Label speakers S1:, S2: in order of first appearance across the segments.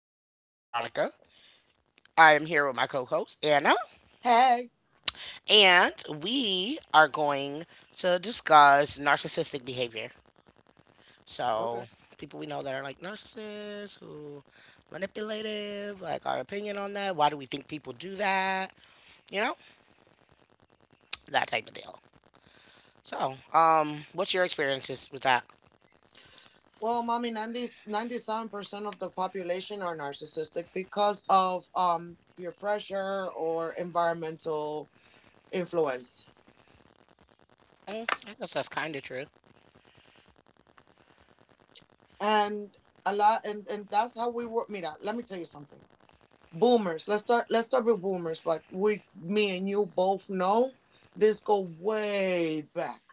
S1: am your host, Veronica. I am here with my co host, Anna,
S2: Hey.
S1: and we are going to discuss narcissistic behavior. So,
S2: Okay.
S1: people we know that are like narcissists, who manipulative, like our opinion on that. Why do we think people do that? You know, that type of deal. So, what's your experiences with that?
S2: Well, mommy, 90, 97% of the population are narcissistic because of peer pressure or environmental influence.
S1: Mm, I guess that's kind of true.
S2: And a lot and that's how we work. Mira, let me tell you something. Boomers, let's start with boomers, but we me and you both know this go way back.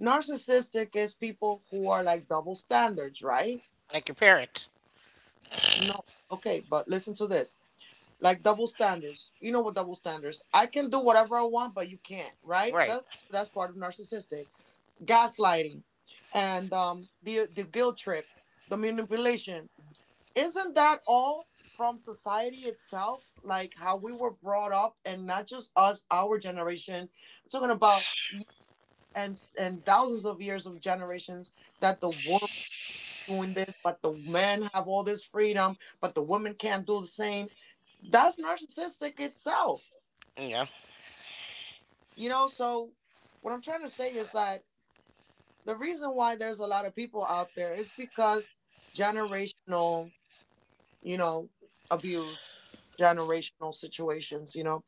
S2: Narcissistic is people who are like double standards, right?
S1: Like your parents.
S2: No. Okay, but listen to this. Like double standards, you know what double standards? I can do whatever I want but you can't, right?
S1: Right.
S2: That's part of narcissistic gaslighting, and the guilt trip, the manipulation. Isn't that all from society itself, like how we were brought up? And not just us, our generation I'm talking about, and thousands of years of generations, that the woman doing this, but the men have all this freedom but the women can't do the same. That's narcissistic itself.
S1: Yeah.
S2: You know, so what I'm trying to say is that the reason why there's a lot of people out there is because generational, you know, abuse, generational situations, you know.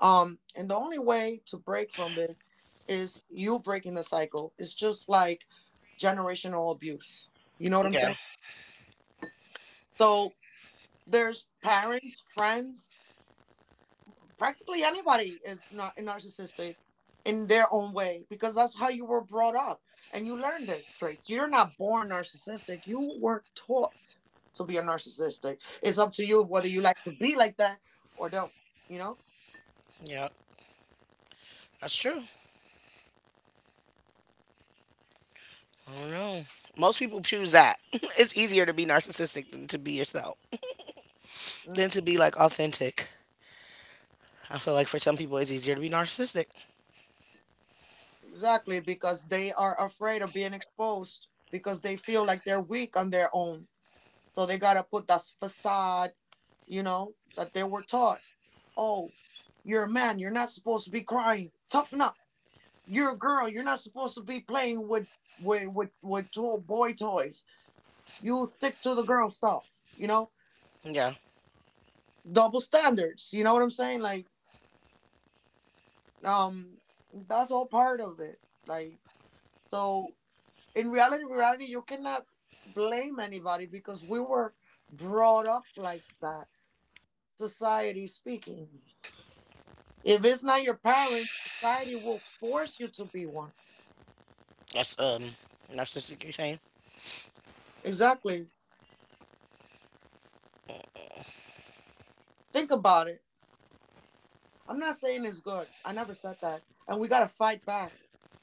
S2: And the only way to break from this is you breaking the cycle. It's just like generational abuse. You know what I'm
S1: Yeah.
S2: saying? So there's parents, friends, practically anybody is not narcissistic in their own way, because that's how you were brought up, and you learn this traits. You're not born narcissistic, you were taught to be a narcissistic. It's up to you whether you like to be like that or don't, you know.
S1: Yeah. That's true. I don't know. Most people choose that. It's easier to be narcissistic than to be yourself,
S2: Mm,
S1: than to be like authentic. I feel like for some people it's easier to be narcissistic.
S2: exactly, because they are afraid of being exposed because they feel like they're weak on their own, so they got to put that facade, you know, that they were taught. Oh, you're a man. You're not supposed to be crying. Toughen up. You're a girl. You're not supposed to be playing with boy toys. You stick to the girl stuff. You know,
S1: Yeah,
S2: double standards. You know what I'm saying? Like, um, that's all part of it. Like, so in reality, you cannot blame anybody, because we were brought up like that. Society speaking. If it's not your parents, society will force you to be one.
S1: that's narcissistic. You're saying?
S2: Exactly. Think about it. I'm not saying it's good. I never said that. And we got to fight back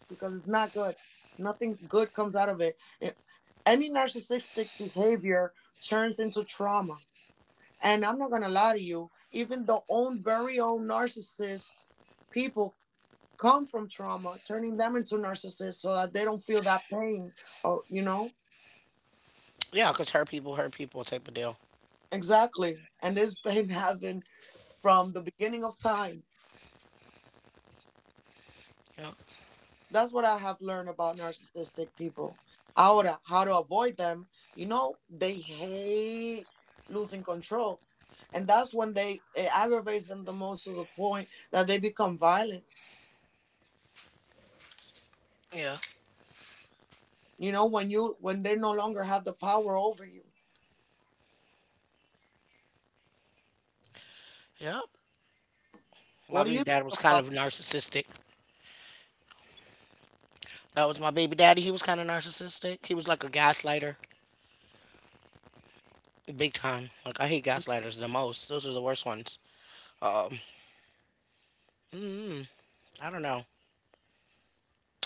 S2: because it's not good. Nothing good comes out of it. It- Any narcissistic behavior turns into trauma. And I'm not going to lie to you, even the own very own narcissists, people come from trauma, turning them into narcissists so that they don't feel that pain. Oh, you know?
S1: Yeah, cause hurt people type of deal.
S2: Exactly. And this has been having from the beginning of time.
S1: Yeah,
S2: That's what I have learned about narcissistic people. How to avoid them. You know, they hate losing control, and that's when they it aggravates them the most, to the point that they become violent.
S1: yeah,
S2: You know, when you when they no longer have the power over you.
S1: yep. My
S2: What do
S1: baby
S2: you
S1: dad was
S2: think
S1: kind
S2: about?
S1: of narcissistic. That was my baby daddy. He was kind of narcissistic. He was like a gaslighter, big time. Like I hate gaslighters the most. Those are the worst ones. Um, mm, I don't know.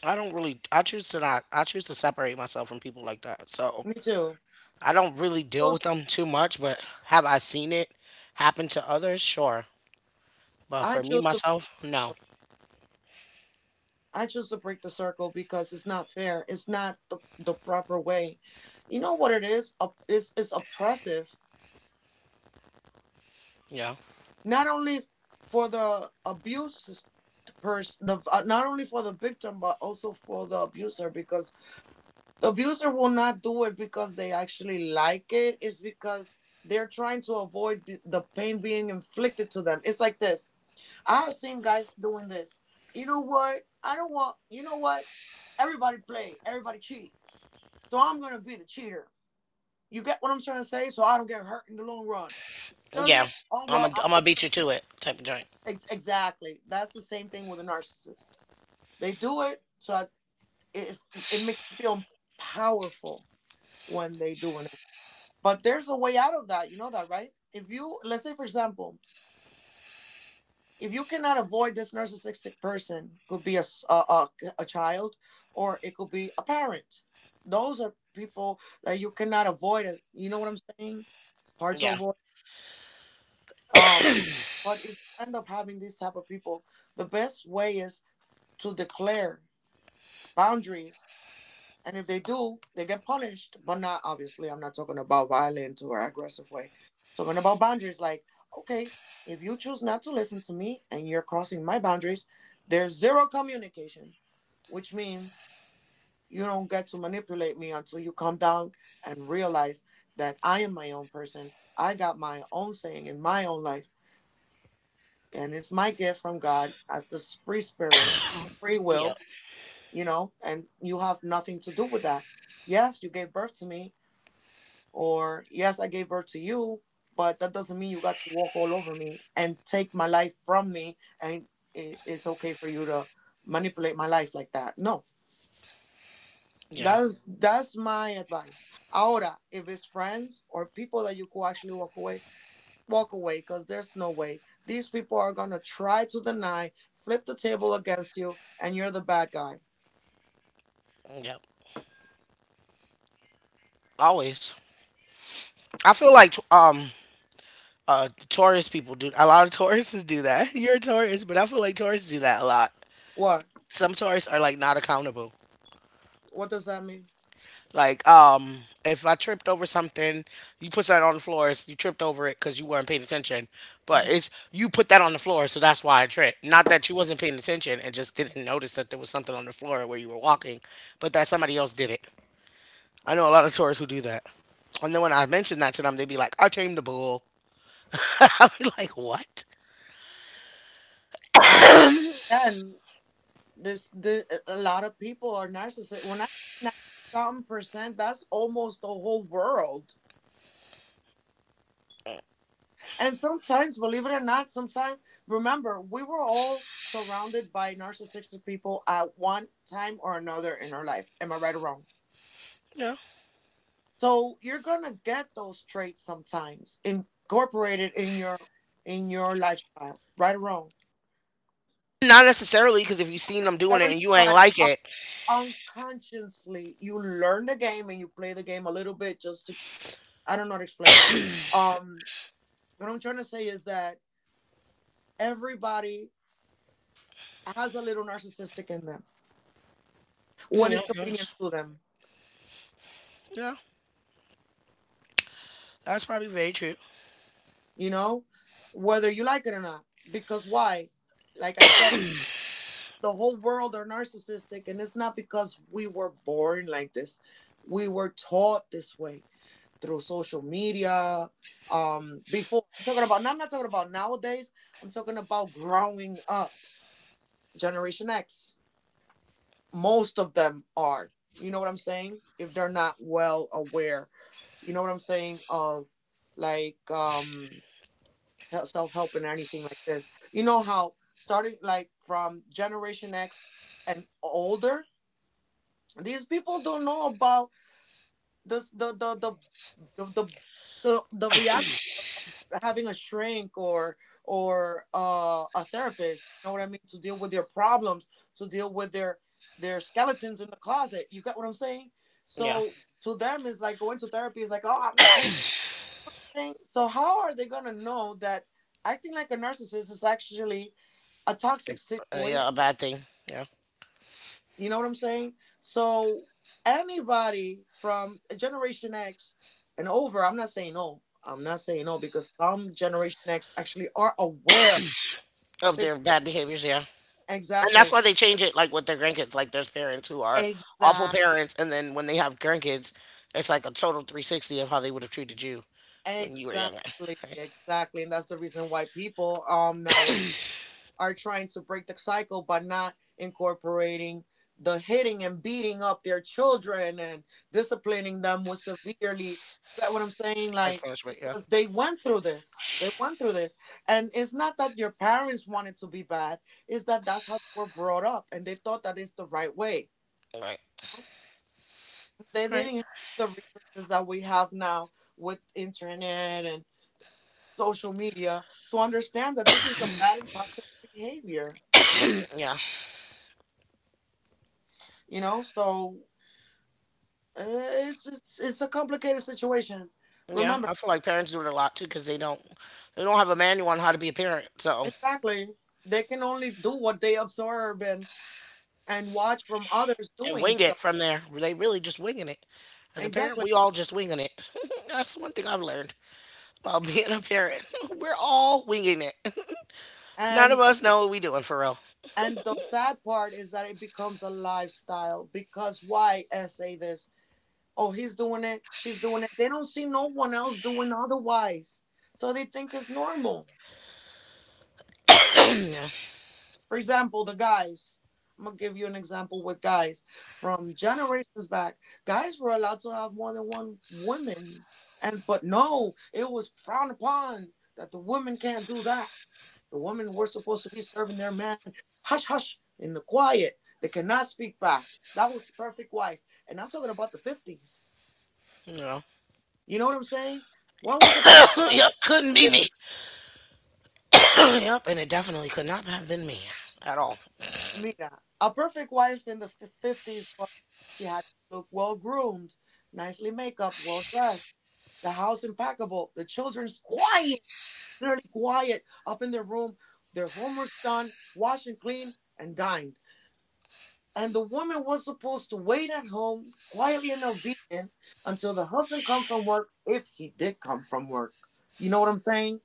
S1: I don't really. I choose to not. I choose to separate myself from people like that. So
S2: Me too.
S1: I don't really deal with
S2: Choose-
S1: them too much. But have I seen it happen to others? Sure. But
S2: I
S1: for me
S2: choose to
S1: myself, no.
S2: I choose to break the circle because it's not fair. It's not the proper way. You know what it is? Op- It's oppressive,
S1: Yeah.
S2: not only for the abuse person the not only for the victim but also for the abuser, because the abuser will not do it because they actually like it, it's because they're trying to avoid the pain being inflicted to them. It's like this. I've seen guys doing this. You know what? I don't want, you know what, everybody play, everybody cheat, so I'm gonna be the cheater. You get what I'm trying to say? So I don't get hurt in the long run. Does it?
S1: Yeah.
S2: Oh
S1: I'm a.
S2: well.
S1: I'm gonna beat you to it type of joint.
S2: Ex- Exactly. That's the same thing with a narcissist. They do it, so I- it it makes them feel powerful when they doing it. But there's a way out of that. You know that, right? If you, let's say, for example, if you cannot avoid this narcissistic person, could be a s- a child, or it could be a parent. Those are people that you cannot avoid. As you know what I'm saying? Hard to
S1: Yeah.
S2: avoid. Um, but if you end up having these type of people, the best way is to declare boundaries. And if they do, they get punished, but not obviously. I'm not talking about violent or aggressive way. Talking about boundaries. Like, okay, if you choose not to listen to me and you're crossing my boundaries, there's zero communication, which means you don't get to manipulate me until you come down and realize that I am my own person. I got my own saying in my own life, and it's my gift from God as the free spirit, free
S1: Yeah.
S2: will, you know, and you have nothing to do with that. Yes, you gave birth to me, or yes, I gave birth to you, but that doesn't mean you got to walk all over me and take my life from me, and it's okay for you to manipulate my life like that. No,
S1: Yeah.
S2: that's my advice. Ahora, if it's friends or people that you could actually walk away, because there's no way these people are gonna try to deny, flip the table against you, and you're the bad guy.
S1: Yeah. Always. I feel like Taurus people do a lot of Tauruses do that. You're a Taurus, but I feel like Taurus do that a lot.
S2: What?
S1: Some Taurus are like not accountable.
S2: What does that mean?
S1: Like, um, if I tripped over something, you put that on the floor. You tripped over it because you weren't paying attention. But
S2: Mm-hmm.
S1: it's you put that on the floor, so that's why I tripped. Not that you wasn't paying attention and just didn't notice that there was something on the floor where you were walking, but that somebody else did it. I know a lot of tourists who do that. And then when I mention that to them, they be like, "I tamed the bull." I be like, "What?"
S2: Uh, then this the a lot of people are narcissistic when I, some percent, that's almost the whole world. And sometimes, believe it or not, sometimes, remember, we were all surrounded by narcissistic people at one time or another in our life, am I right or wrong?
S1: No,
S2: So you're gonna get those traits sometimes incorporated in your lifestyle, right or wrong?
S1: not necessarily because if you seen them doing it
S2: Necessarily,
S1: and you ain't
S2: but
S1: like
S2: un-
S1: it,
S2: unconsciously you learn the game and you play the game a little bit, just to I don't know how to explain. Um, what I'm trying to say is that everybody has a little narcissistic in them when
S1: yeah,
S2: it's convenient
S1: yes.
S2: to them,
S1: Yeah, that's probably very true.
S2: you know, whether you like it or not. Because why? Like I said, the whole world are narcissistic, and it's not because we were born like this. We were taught this way through social media. Before I'm talking about, now I'm not talking about nowadays. I'm talking about growing up, Generation X. Most of them are. You know what I'm saying? If they're not well aware, you know what I'm saying, of like self help and anything like this. You know how starting like from Generation X and older, these people don't know about this the the, the, reality, having a shrink or a therapist. You know what I mean? To deal with their problems, to deal with their skeletons in the closet. You got what I'm saying?
S1: Yeah,
S2: So to them, it's like going to therapy is like, oh, I'm not crazy. So how are they gonna know that acting like a narcissist is actually a toxic
S1: uh, yeah,
S2: situation?
S1: a bad thing. Yeah.
S2: You know what I'm saying? So anybody from Generation X and over, I'm not saying no. I'm not saying no, because some Generation X actually are aware of
S1: Of
S2: the
S1: their bad behaviors, yeah. And that's
S2: Exactly.
S1: why they change it like with their grandkids. Like there's parents who are awful
S2: Exact.
S1: parents and then when they have grandkids, it's like a total 360 of how they would have treated you when you were younger.
S2: Exactly.
S1: Right?
S2: Exactly. And that's the reason why people nowadays are trying to break the cycle by not incorporating the hitting and beating up their children and disciplining them with severely. You get what I'm saying?
S1: Harsh
S2: Like
S1: punishment, yeah.
S2: because they went through this. They went through this. And it's not that your parents wanted to be bad. It's that that's how they were brought up and they thought that is the right way.
S1: Right.
S2: They
S1: Right.
S2: didn't have the resources that we have now with internet and social media to understand that this is a bad and toxic behavior,
S1: Yeah.
S2: you know. So it's a complicated situation.
S1: Yeah.
S2: Remember,
S1: I feel like parents do it a lot too because they don't have a manual on how to be a parent. So
S2: exactly, they can only do what they absorb and watch from others
S1: and
S2: doing
S1: wing
S2: so.
S1: it from there. They really just winging it. As a parent,
S2: Exactly.
S1: we all just winging it. That's one thing I've learned about being a parent. We're all winging it. None of
S2: and
S1: us know what we doing for real.
S2: and the sad part is that it becomes a lifestyle, because why essay this? Oh, he's doing it, she's doing it. They don't see no one else doing otherwise. So they think it's normal. For example, the guys. I'm going to give you an example with guys. From generations back, guys were allowed to have more than one woman. And but no, it was frowned upon that the women can't do that. The women were supposed to be serving their men, hush hush in the quiet. They cannot speak back. That was the perfect wife. And I'm talking about the 50s.
S1: No.
S2: You know what I'm saying? What was the perfect wife
S1: Yep,
S2: in
S1: couldn't be
S2: the
S1: me.
S2: 50s?
S1: Yep, and it definitely could not have been me at all.
S2: Mira, a perfect wife in 50s was she had to look well groomed, nicely make up, well dressed, the house impeccable, the children's quiet, literally quiet, up in their room, their homework's done, washed and cleaned, and dined. And the woman was supposed to wait at home, quietly and obedient, until the husband come from work, if he did come from work. You know what I'm saying?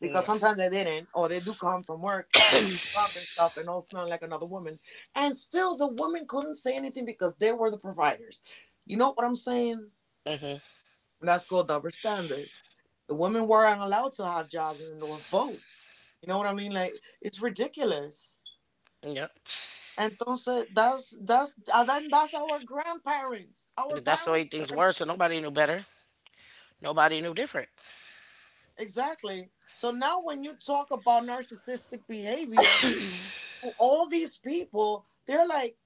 S2: Because
S1: Yeah.
S2: sometimes they didn't, or they do come from work and all drunk and stuff and all smelling like another woman. And still, the woman couldn't say anything because they were the providers. You know what I'm saying?
S1: Hmm.
S2: That's called double standards. The women weren't allowed to have jobs and or vote. You know what I mean? Like, it's ridiculous.
S1: Yep.
S2: Entonces, that's and then that's our grandparents, our
S1: That's the
S2: parents.
S1: way things were, so nobody knew better. Nobody knew different.
S2: Exactly. So now, when you talk about narcissistic behavior, to all these people, they're like,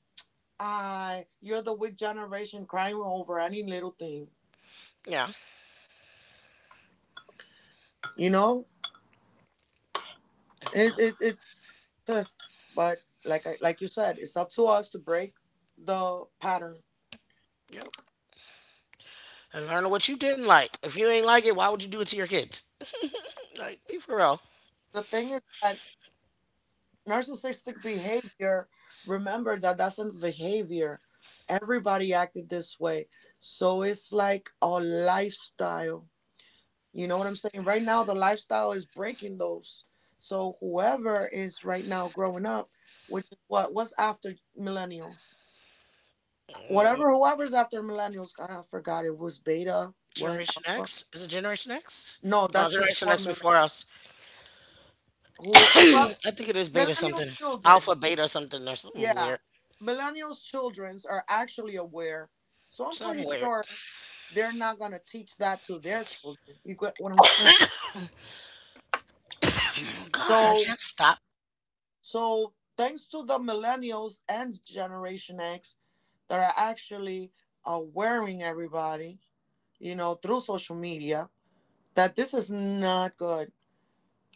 S2: you're the weak generation crying over any little thing.
S1: Yeah.
S2: You know,
S1: Yep.
S2: it it's, uh, but like I, like you said, it's up to us to break the pattern.
S1: Yep. And learn what you didn't like. If you ain't like it, why would you do it to your kids? Like, be for real.
S2: The thing is that narcissistic behavior. Remember that that's a behavior. Everybody acted this way, so it's like a lifestyle. You know what I'm saying? Right now, the lifestyle is breaking those. So whoever is right now growing up, which is what's after millennials,
S1: Mm,
S2: whatever whoever's after millennials, God, I forgot, it was beta. What,
S1: Generation
S2: alpha?
S1: X? Is it Generation X?
S2: No,
S1: Oh, no,
S2: that's
S1: Generation
S2: before
S1: X
S2: millennials.
S1: before us.
S2: Who well,
S1: I think it is beta
S2: millennials
S1: something. Alpha,
S2: childrens?
S1: beta something, or something
S2: Yeah,
S1: weird.
S2: millennials childrens are actually aware. So I'm
S1: Something
S2: pretty
S1: weird.
S2: sure they're not gonna teach that to their children. You get what I'm saying?
S1: God, I
S2: So
S1: can't stop.
S2: So, thanks to the millennials and Generation X that are actually awareing everybody, you know, through social media, that this is not good.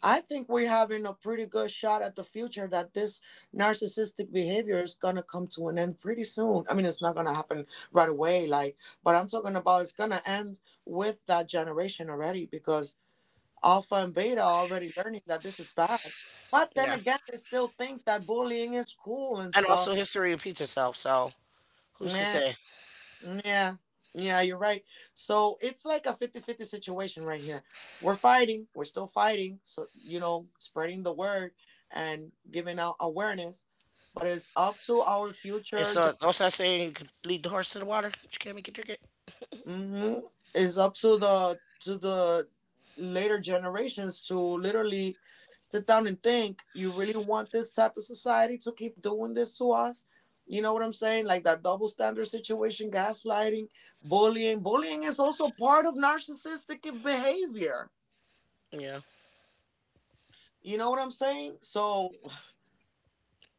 S2: I think we're having a pretty good shot at the future, that this narcissistic behavior is gonna come to an end pretty soon. I mean, it's not gonna happen right away, like, but I'm talking about it's gonna end with that generation already, because Alpha and Beta are already learning that this is bad. But then
S1: Yeah.
S2: again, they still think that bullying is cool and
S1: And
S2: stuff.
S1: also, history repeats itself. So, who's to
S2: Man,
S1: say?
S2: yeah, yeah, you're right. So it's like a fifty-fifty situation right here. We're fighting, we're still fighting. So, you know, spreading the word and giving out awareness. But it's up to our
S1: It's
S2: future.
S1: what's that saying? You could lead the horse to the water, but you can't make it drink it.
S2: Mm-hmm. It's up to the later generations to literally sit down and think, you really want this type of society to keep doing this to us? You know what I'm saying? Like, that double standard situation, gaslighting, bullying. Bullying is also part of narcissistic behavior.
S1: Yeah,
S2: You know what I'm saying? So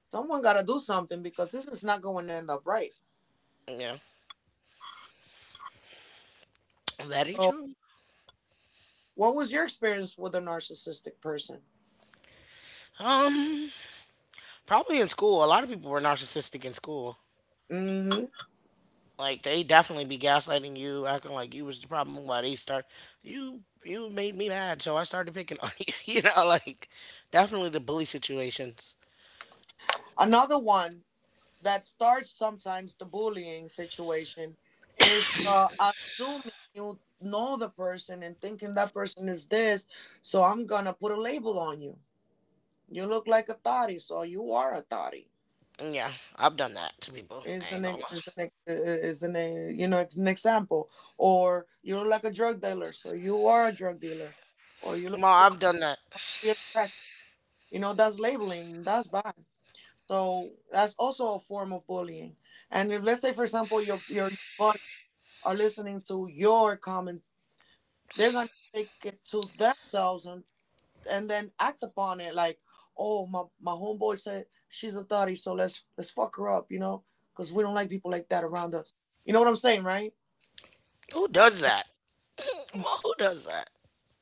S2: someone got to do something because this is not going to end up right.
S1: yeah, very
S2: So
S1: true.
S2: what was your experience with a narcissistic person?
S1: Um, probably in school, a lot of people were narcissistic in school.
S2: Hmm.
S1: Like they definitely be gaslighting you, acting like you was the problem. Why they start you made me mad, so I started picking on you. You know, like definitely the bully situations.
S2: Another one that starts sometimes the bullying situation is assuming you know the person and thinking that person is this, so I'm gonna put a label on you. You look like a thotty, so you are a thotty.
S1: Yeah, I've done that to people.
S2: Is
S1: I ain't
S2: an
S1: gonna
S2: ex-
S1: lie.
S2: is an ex- is an You know, it's an example, or you look like a drug dealer, so you are a drug dealer, or you
S1: Come
S2: look like a
S1: on, I've
S2: crack,
S1: done that.
S2: you're a crack. You know, that's labeling. That's bad. So that's also a form of bullying. And if, let's say, for example, your buddy are listening to your comment, they're gonna take it to themselves and then act upon it. Like, oh, my homeboy said she's a thotty, so let's fuck her up, you know, because we don't like people like that around us. You know what I'm saying, right?
S1: Who does
S2: And
S1: that? Come
S2: and
S1: on, who does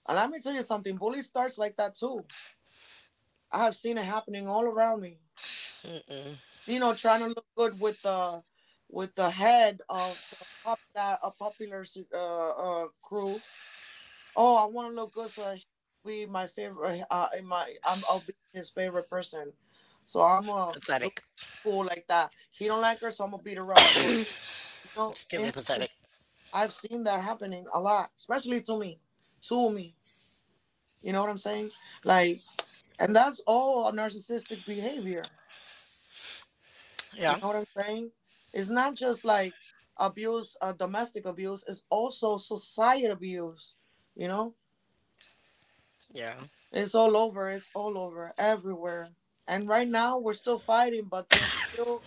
S2: let me tell you something. Bully starts like that too. I have seen it happening all around me.
S1: that?
S2: You know, trying to look good with the head of the popular uh, crew. Oh, I want to look good so I should be my favorite. I'll be his favorite person. So I'm gonna do
S1: Pathetic.
S2: cool like that. He don't like her, so I'm gonna beat her up for, you know.
S1: It's
S2: It
S1: giving
S2: happens.
S1: pathetic.
S2: I've seen that happening a lot, especially to me, to me. You know what I'm saying? Like, and that's all a narcissistic behavior. You
S1: Yeah,
S2: know what I'm saying? It's not just like domestic abuse. It's also society abuse. You know.
S1: yeah,
S2: It's all over. It's all over, everywhere. And right now, we're still fighting, but there's still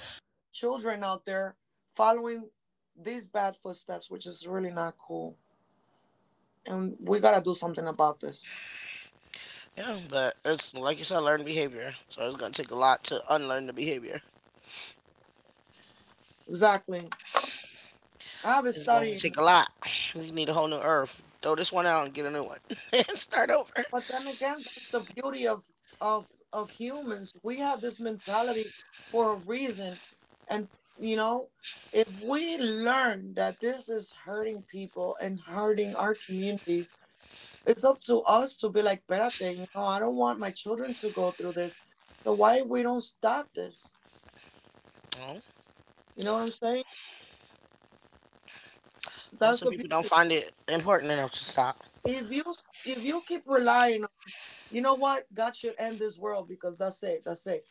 S2: children out there following these bad footsteps, which is really not cool. And we gotta do something about this.
S1: yeah. But it's like you said, learned behavior. So it's gonna take a lot to unlearn the behavior.
S2: Exactly. I've been
S1: It's gonna
S2: studying
S1: take
S2: it.
S1: a lot. We need a whole new earth. Throw this one out and get a new one. And start over.
S2: But then again, that's the beauty of humans. We have this mentality for a reason, and, you know, if we learn that this is hurting people and hurting our communities, it's up to us to be like, Perate, you know, I don't want my children to go through this. So why we don't stop this?
S1: Oh,
S2: You know what I'm saying?
S1: well,
S2: That's
S1: some
S2: the
S1: people don't
S2: beauty.
S1: find it important enough to stop.
S2: If you if you keep relying on, you know what, God should end this world, because that's it, that's it.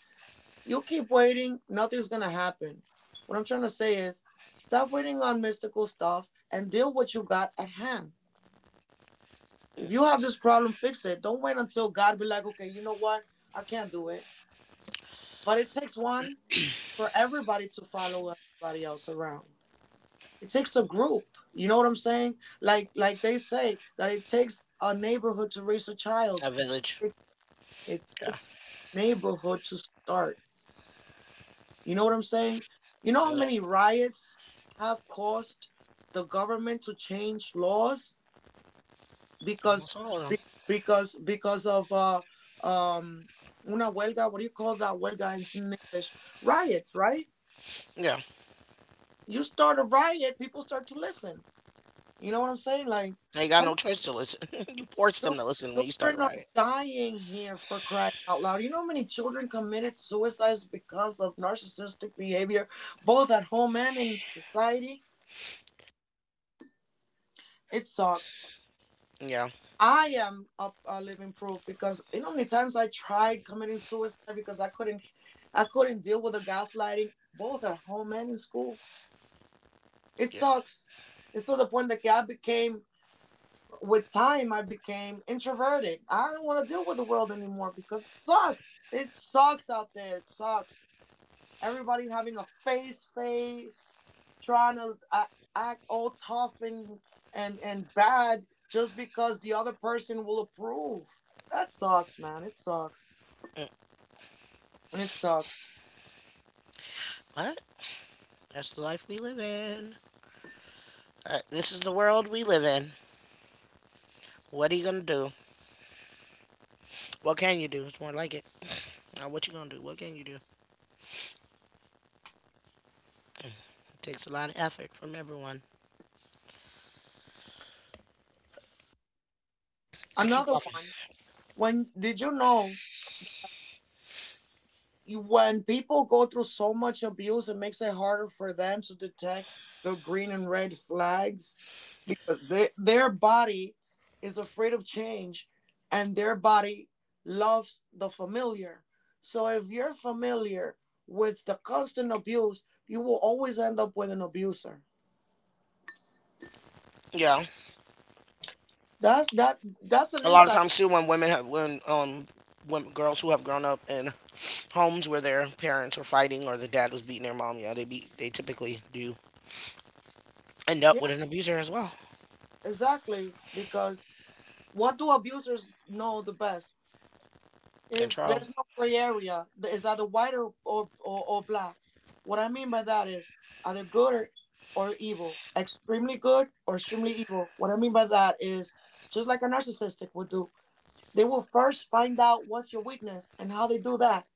S2: You keep waiting, nothing's gonna happen. What I'm trying to say is, stop waiting on mystical stuff and deal with what you got at hand. If you have this problem, fix it. Don't wait until God be like, okay, you know what? I can't do it. But it takes one for everybody to follow, everybody else around. It takes a group. You know what I'm saying? Like they say that it takes a neighborhood to raise a child.
S1: A village.
S2: It, it
S1: Yeah.
S2: takes a neighborhood to start. You know what I'm saying? You know how
S1: Yeah.
S2: many riots have caused the government to change laws, because
S1: Almost all of them.
S2: be, because of um una huelga, what do you call that huelga in English? Riots, right?
S1: Yeah.
S2: You start a riot, people start to listen. You know what I'm saying? Like,
S1: They got
S2: come
S1: no
S2: on,
S1: choice to listen. You force them
S2: chil-
S1: to listen when you start a
S2: children are
S1: riot.
S2: dying here, for crying out loud. You know how many children committed suicides because of narcissistic behavior, both at home and in society? It sucks.
S1: Yeah.
S2: I am a living proof, because you know how many times I tried committing suicide because I couldn't deal with the gaslighting, both at home and in school. It
S1: Yeah.
S2: sucks. It's to the point that I became with time, I became introverted. I don't want to deal with the world anymore because it sucks. It sucks out there. It sucks. Everybody having a face, trying to act all tough and bad just because the other person will approve. That sucks, man. It sucks.
S1: Mm,
S2: It sucks.
S1: What? That's the life we live in. This is the world we live in. What are you gonna do? What can you do? It's more like it. Now, what you gonna do? What can you do? It takes a lot of effort from everyone. I keep
S2: Another
S1: coughing.
S2: one. When did you know you- When people go through so much abuse, it makes it harder for them to detect the green and red flags because their body is afraid of change and their body loves the familiar. So if you're familiar with the constant abuse, you will always end up with an abuser.
S1: Yeah,
S2: That's an
S1: a lot of
S2: insight.
S1: times too, when girls who have grown up in homes where their parents were fighting or the dad was beating their mom, yeah, they typically do end up
S2: Yeah,
S1: with an abuser as well.
S2: exactly, because what do abusers know the best? Is,
S1: Control.
S2: there's no gray area. It's either white or black. What I mean by that is, either good or evil, extremely good or extremely evil. What I mean by that is, just like a narcissistic would do, they will first find out what's your weakness, and how they do that.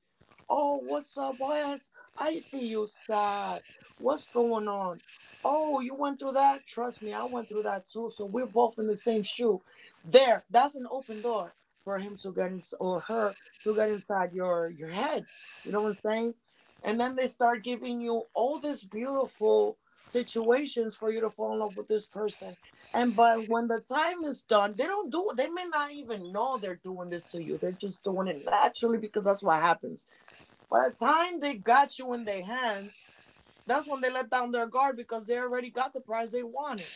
S2: Oh, what's up? I see you sad. What's going on? Oh, you went through that? Trust me, I went through that too. So we're both in the same shoe. There, that's an open door for him to get in, or her, to get inside your head. You know what I'm saying? And then they start giving you all these beautiful situations for you to fall in love with this person. And but when the time is done, they don't do it. They may not even know they're doing this to you. They're just doing it naturally because that's what happens. By the time they got you in their hands, that's when they let down their guard because they already got the prize they wanted.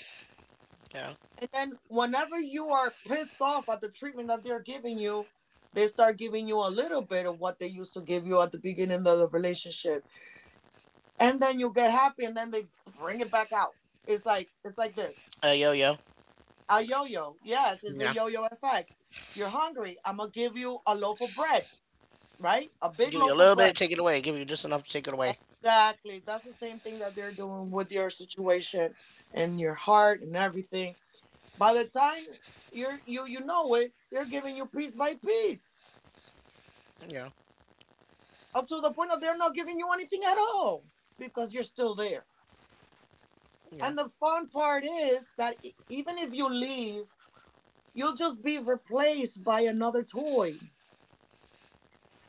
S1: Yeah.
S2: And then whenever you are pissed off at the treatment that they're giving you, they start giving you a little bit of what they used to give you at the beginning of the relationship. And then you get happy and then they bring it back out. It's like this.
S1: Yo yo.
S2: A yo-yo. Yes, it's
S1: Yeah.
S2: a yo-yo effect. You're hungry. I'm gonna give you a loaf of bread, right? A big
S1: Give you a
S2: loaf of
S1: little bit,
S2: bread.
S1: take it away. Give you just enough to take it away.
S2: Exactly. That's the same thing that they're doing with your situation and your heart and everything. By the time you know it, they're giving you piece by piece.
S1: Yeah.
S2: Up to the point that they're not giving you anything at all because you're still there.
S1: Yeah.
S2: And the fun part is that, even if you leave, you'll just be replaced by another toy.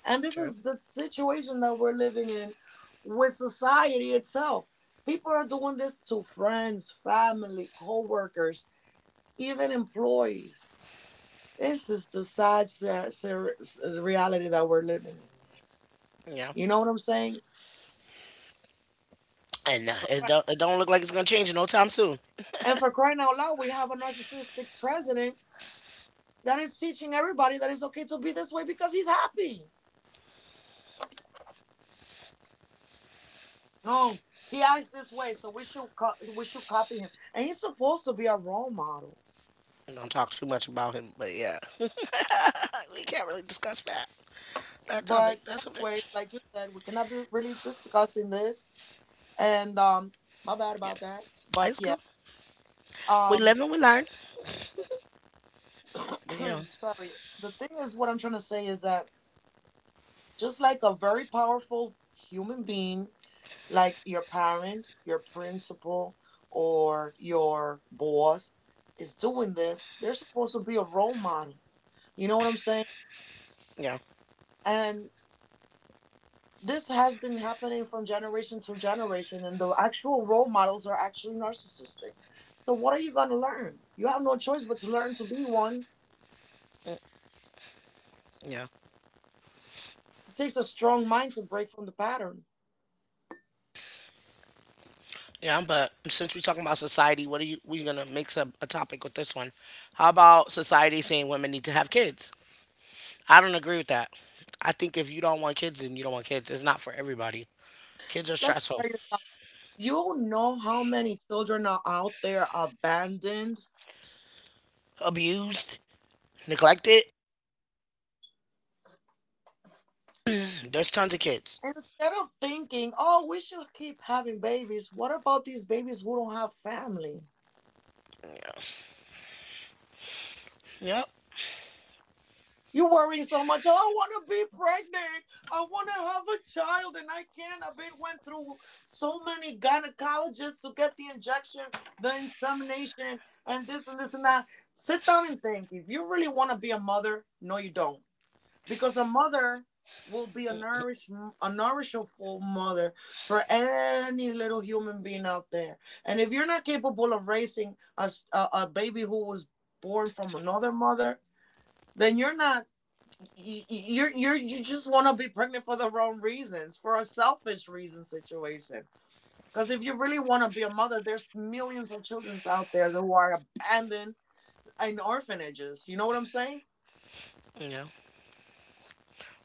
S2: And this
S1: True.
S2: is the situation that we're living in with society itself. People are doing this to friends, family, coworkers, even employees. This is the sad reality that we're living in.
S1: Yeah.
S2: You know what I'm saying?
S1: And it don't look like it's gonna change in no time soon.
S2: And for crying out loud, we have a narcissistic president that is teaching everybody that it's okay to be this way because he's happy. Oh, he acts this way, so we should copy him. And he's supposed to be a role model.
S1: Don't talk too much about him, but yeah. We can't really discuss that topic.
S2: But
S1: That subject.
S2: anyway, like you said, we cannot be really discussing this. And My bad
S1: Yeah,
S2: about that. But
S1: it's
S2: yeah,
S1: cool. We
S2: um,
S1: live and we learn. But yeah,
S2: sorry. The thing is, what I'm trying to say is that just like a very powerful human being, like your parent, your principal, or your boss is doing this, they're supposed to be a role model. You know what I'm saying?
S1: yeah,
S2: And this has been happening from generation to generation, and the actual role models are actually narcissistic. So, what are you going to learn? You have no choice but to learn to be one.
S1: yeah,
S2: It takes a strong mind to break from the pattern.
S1: yeah. But since we're talking about society, what are you? We're gonna mix up a topic with this one. How about society saying women need to have kids? I don't agree with that. I think if you don't want kids, then you don't want kids. It's not for everybody. Kids are
S2: Let me
S1: stressful,
S2: tell you something. You know how many children are out there abandoned.
S1: abused, neglected. There's tons of kids.
S2: Instead of thinking, oh, we should keep having babies, what about these babies who don't have family?
S1: Yep.
S2: You worry so much, oh, I want to be pregnant. I want to have a child, and I can't. I've been went through so many gynecologists to get the injection, the insemination, and this and this and that. Sit down and think. If you really want to be a mother, no, you don't. Because a mother will be a nourishful mother for any little human being out there, and if you're not capable of raising a baby who was born from another mother, then you're not y- you're you just want to be pregnant for the wrong reasons, for a selfish reason situation. Because if you really want to be a mother, there's millions of children out there who are abandoned in orphanages. You know what I'm saying?
S1: Yeah.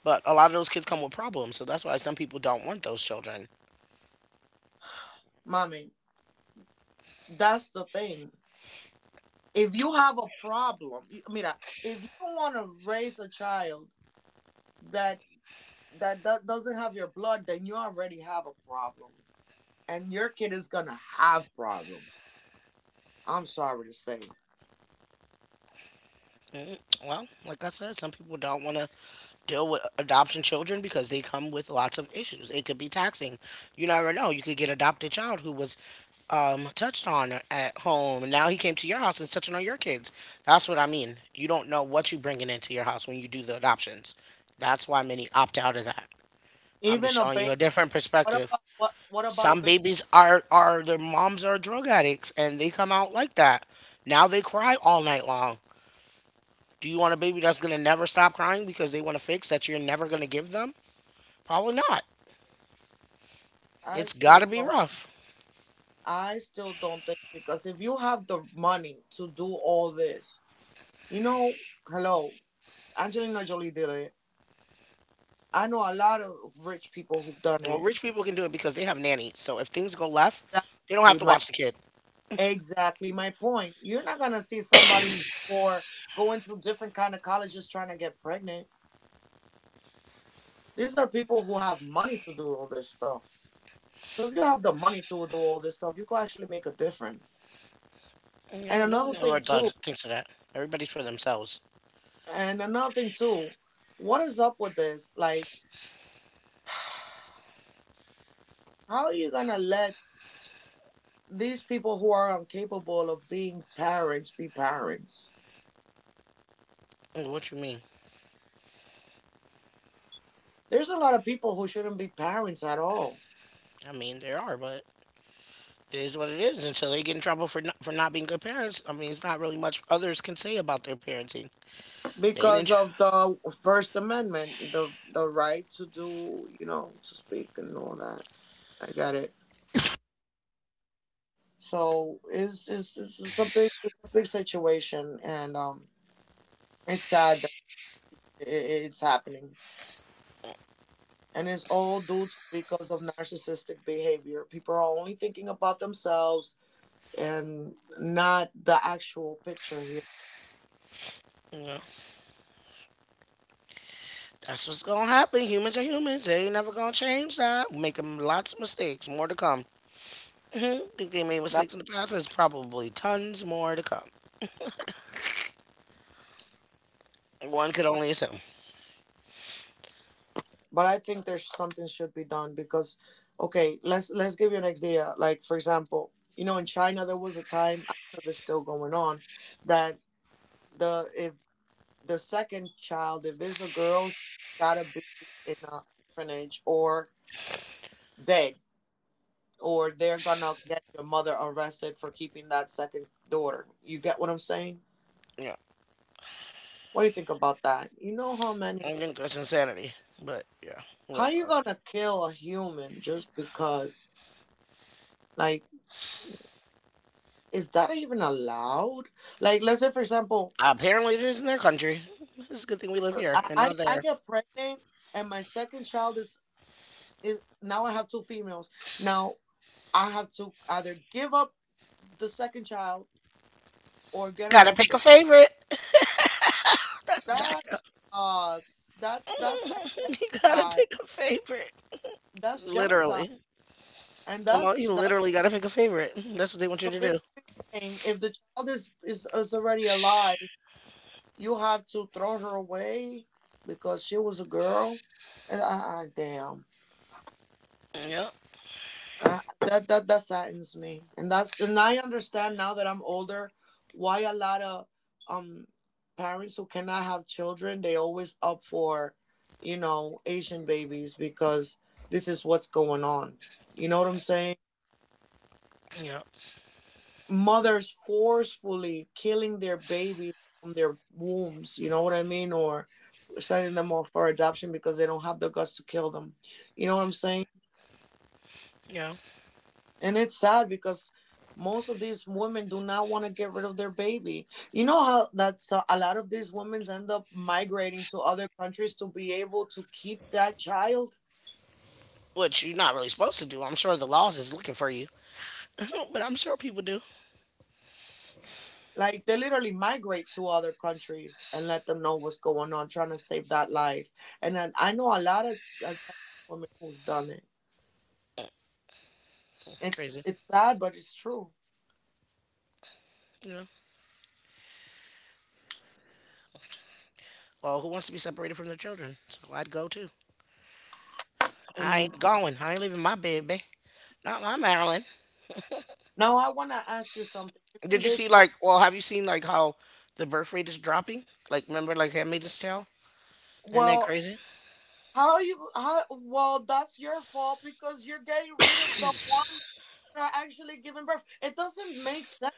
S1: But a lot of those kids come with problems, so that's why some people don't want those children.
S2: Mommy, that's the thing. If you have a problem, mira, if you want to raise a child that that doesn't have your blood, then you already have a problem, and your kid is gonna have problems. I'm sorry to say.
S1: Mm, Well, like I said, some people don't want to deal with adoption children because they come with lots of issues. It could be taxing. You never know. You could get adopted child who was touched on at home, and now he came to your house and is touching on your kids. That's what I mean. You don't know what you're bringing into your house when you do the adoptions. That's why many opt out of that. I'm just
S2: Even a
S1: showing you
S2: baby.
S1: a different
S2: What
S1: perspective.
S2: about what about a
S1: Some
S2: baby?
S1: babies are their moms are drug addicts, and they come out like that. Now they cry all night long. Do you want a baby that's going to never stop crying because they want to fix that you're never going to give them? Probably not.
S2: i
S1: It's got to
S2: still
S1: be
S2: don't
S1: rough.
S2: I still don't think, because if you have the money to do all this, you know, hello, Angelina Jolie did it. I know a lot of rich people who've done
S1: Well,
S2: it.
S1: rich people can do it because they have nannies. So if things go left, they don't have to
S2: Exactly.
S1: watch the kid.
S2: Exactly my point. You're not gonna see somebody who, or going through different kind of colleges trying to get pregnant. These are people who have money to do all this stuff. So if you have the money to do all this stuff, you could actually make a difference.
S1: Yeah,
S2: And
S1: but no one
S2: another
S1: ever
S2: thing
S1: does,
S2: too,
S1: thinks of that. Everybody's for themselves.
S2: and another thing too, what is up with this? Like, how are you gonna let these people who are incapable of being parents be parents?
S1: What you mean?
S2: There's a lot of people who shouldn't be parents at all
S1: I mean, there are, but it is what it is. Until they get in trouble for not being good parents, I mean, it's not really much others can say about their parenting. They
S2: because
S1: didn't.
S2: of the First Amendment, the right to do, you know, to speak and all that. I got it. So it's a big, it's a big situation, and it's sad that i i- it's happening, and it's all due to because of narcissistic behavior. People are only thinking about themselves and not the actual picture here.
S1: You know, that's what's gonna happen. Humans are humans. They ain't never gonna change that. Making lots of mistakes. More to come. Hmm. Think they made mistakes in the past. There's probably tons more to come. One could only assume.
S2: But I think there's something should be done because, okay, let's give you an idea. Like for example, you know, in China there was a time, I don't know if it's still going on, that the if the second child if it's a girl, she's gotta be in an orphanage or dead, or they're gonna get your mother arrested for keeping that second daughter. You get what I'm saying?
S1: Yeah,
S2: What do you think about that? You know how
S1: I
S2: many?
S1: think that's insanity. But yeah,
S2: How
S1: well,
S2: you gonna kill a human just because? Like, is that even allowed? Like, let's say, for example,
S1: apparently it is in their country. It's a good thing we live here
S2: I,
S1: and
S2: I,
S1: not
S2: I
S1: there.
S2: get pregnant and my second child is, now I have two females. Now I have to either give up the second child or get
S1: Gotta pick a
S2: arrested.
S1: favorite. That's
S2: That
S1: jacked up.
S2: sucks. That's like
S1: You gotta
S2: genocide.
S1: pick a favorite.
S2: That's genocide,
S1: Literally.
S2: and
S1: Well, no,
S2: that's
S1: you
S2: that's
S1: literally gotta pick a favorite. That's what they want you
S2: so
S1: to do.
S2: basically, saying if the child is, is already alive, you have to throw her away because she was a girl. And I damn.
S1: Yep.
S2: That saddens me, and that's, and I understand now that I'm older why a lot of um parents who cannot have children, they always up for, you know, Asian babies, because this is what's going on. You know what I'm saying?
S1: Yep.
S2: Mothers forcefully killing their babies from their wombs. You know what I mean? Or sending them off for adoption because they don't have the guts to kill them. You know what I'm saying?
S1: Yeah.
S2: And it's sad because most of these women do not want to get rid of their baby. You know how that's a lot of these women end up migrating to other countries to be able to keep that child?
S1: Which you're not really supposed to do. I'm sure the laws is looking for you. But I'm sure people do.
S2: Like they literally migrate to other countries and let them know what's going on, trying to save that life. And then I know a lot of Chinese women who's done it. It's
S1: Crazy.
S2: it's sad, but it's true.
S1: Yeah. Well, who wants to be separated from their children? So I'd go too. I
S2: And
S1: ain't going. I ain't leaving my baby. Not my Maryland.
S2: now I want to ask you something. Isn't
S1: Did you
S2: this
S1: see
S2: part?
S1: like? Well, have you seen like how the birth rate is dropping? Like, remember like Handmaid's Tale? Isn't that
S2: Well,
S1: crazy?
S2: How you how well that's your fault because you're getting rid of the ones that are actually giving birth. It doesn't make sense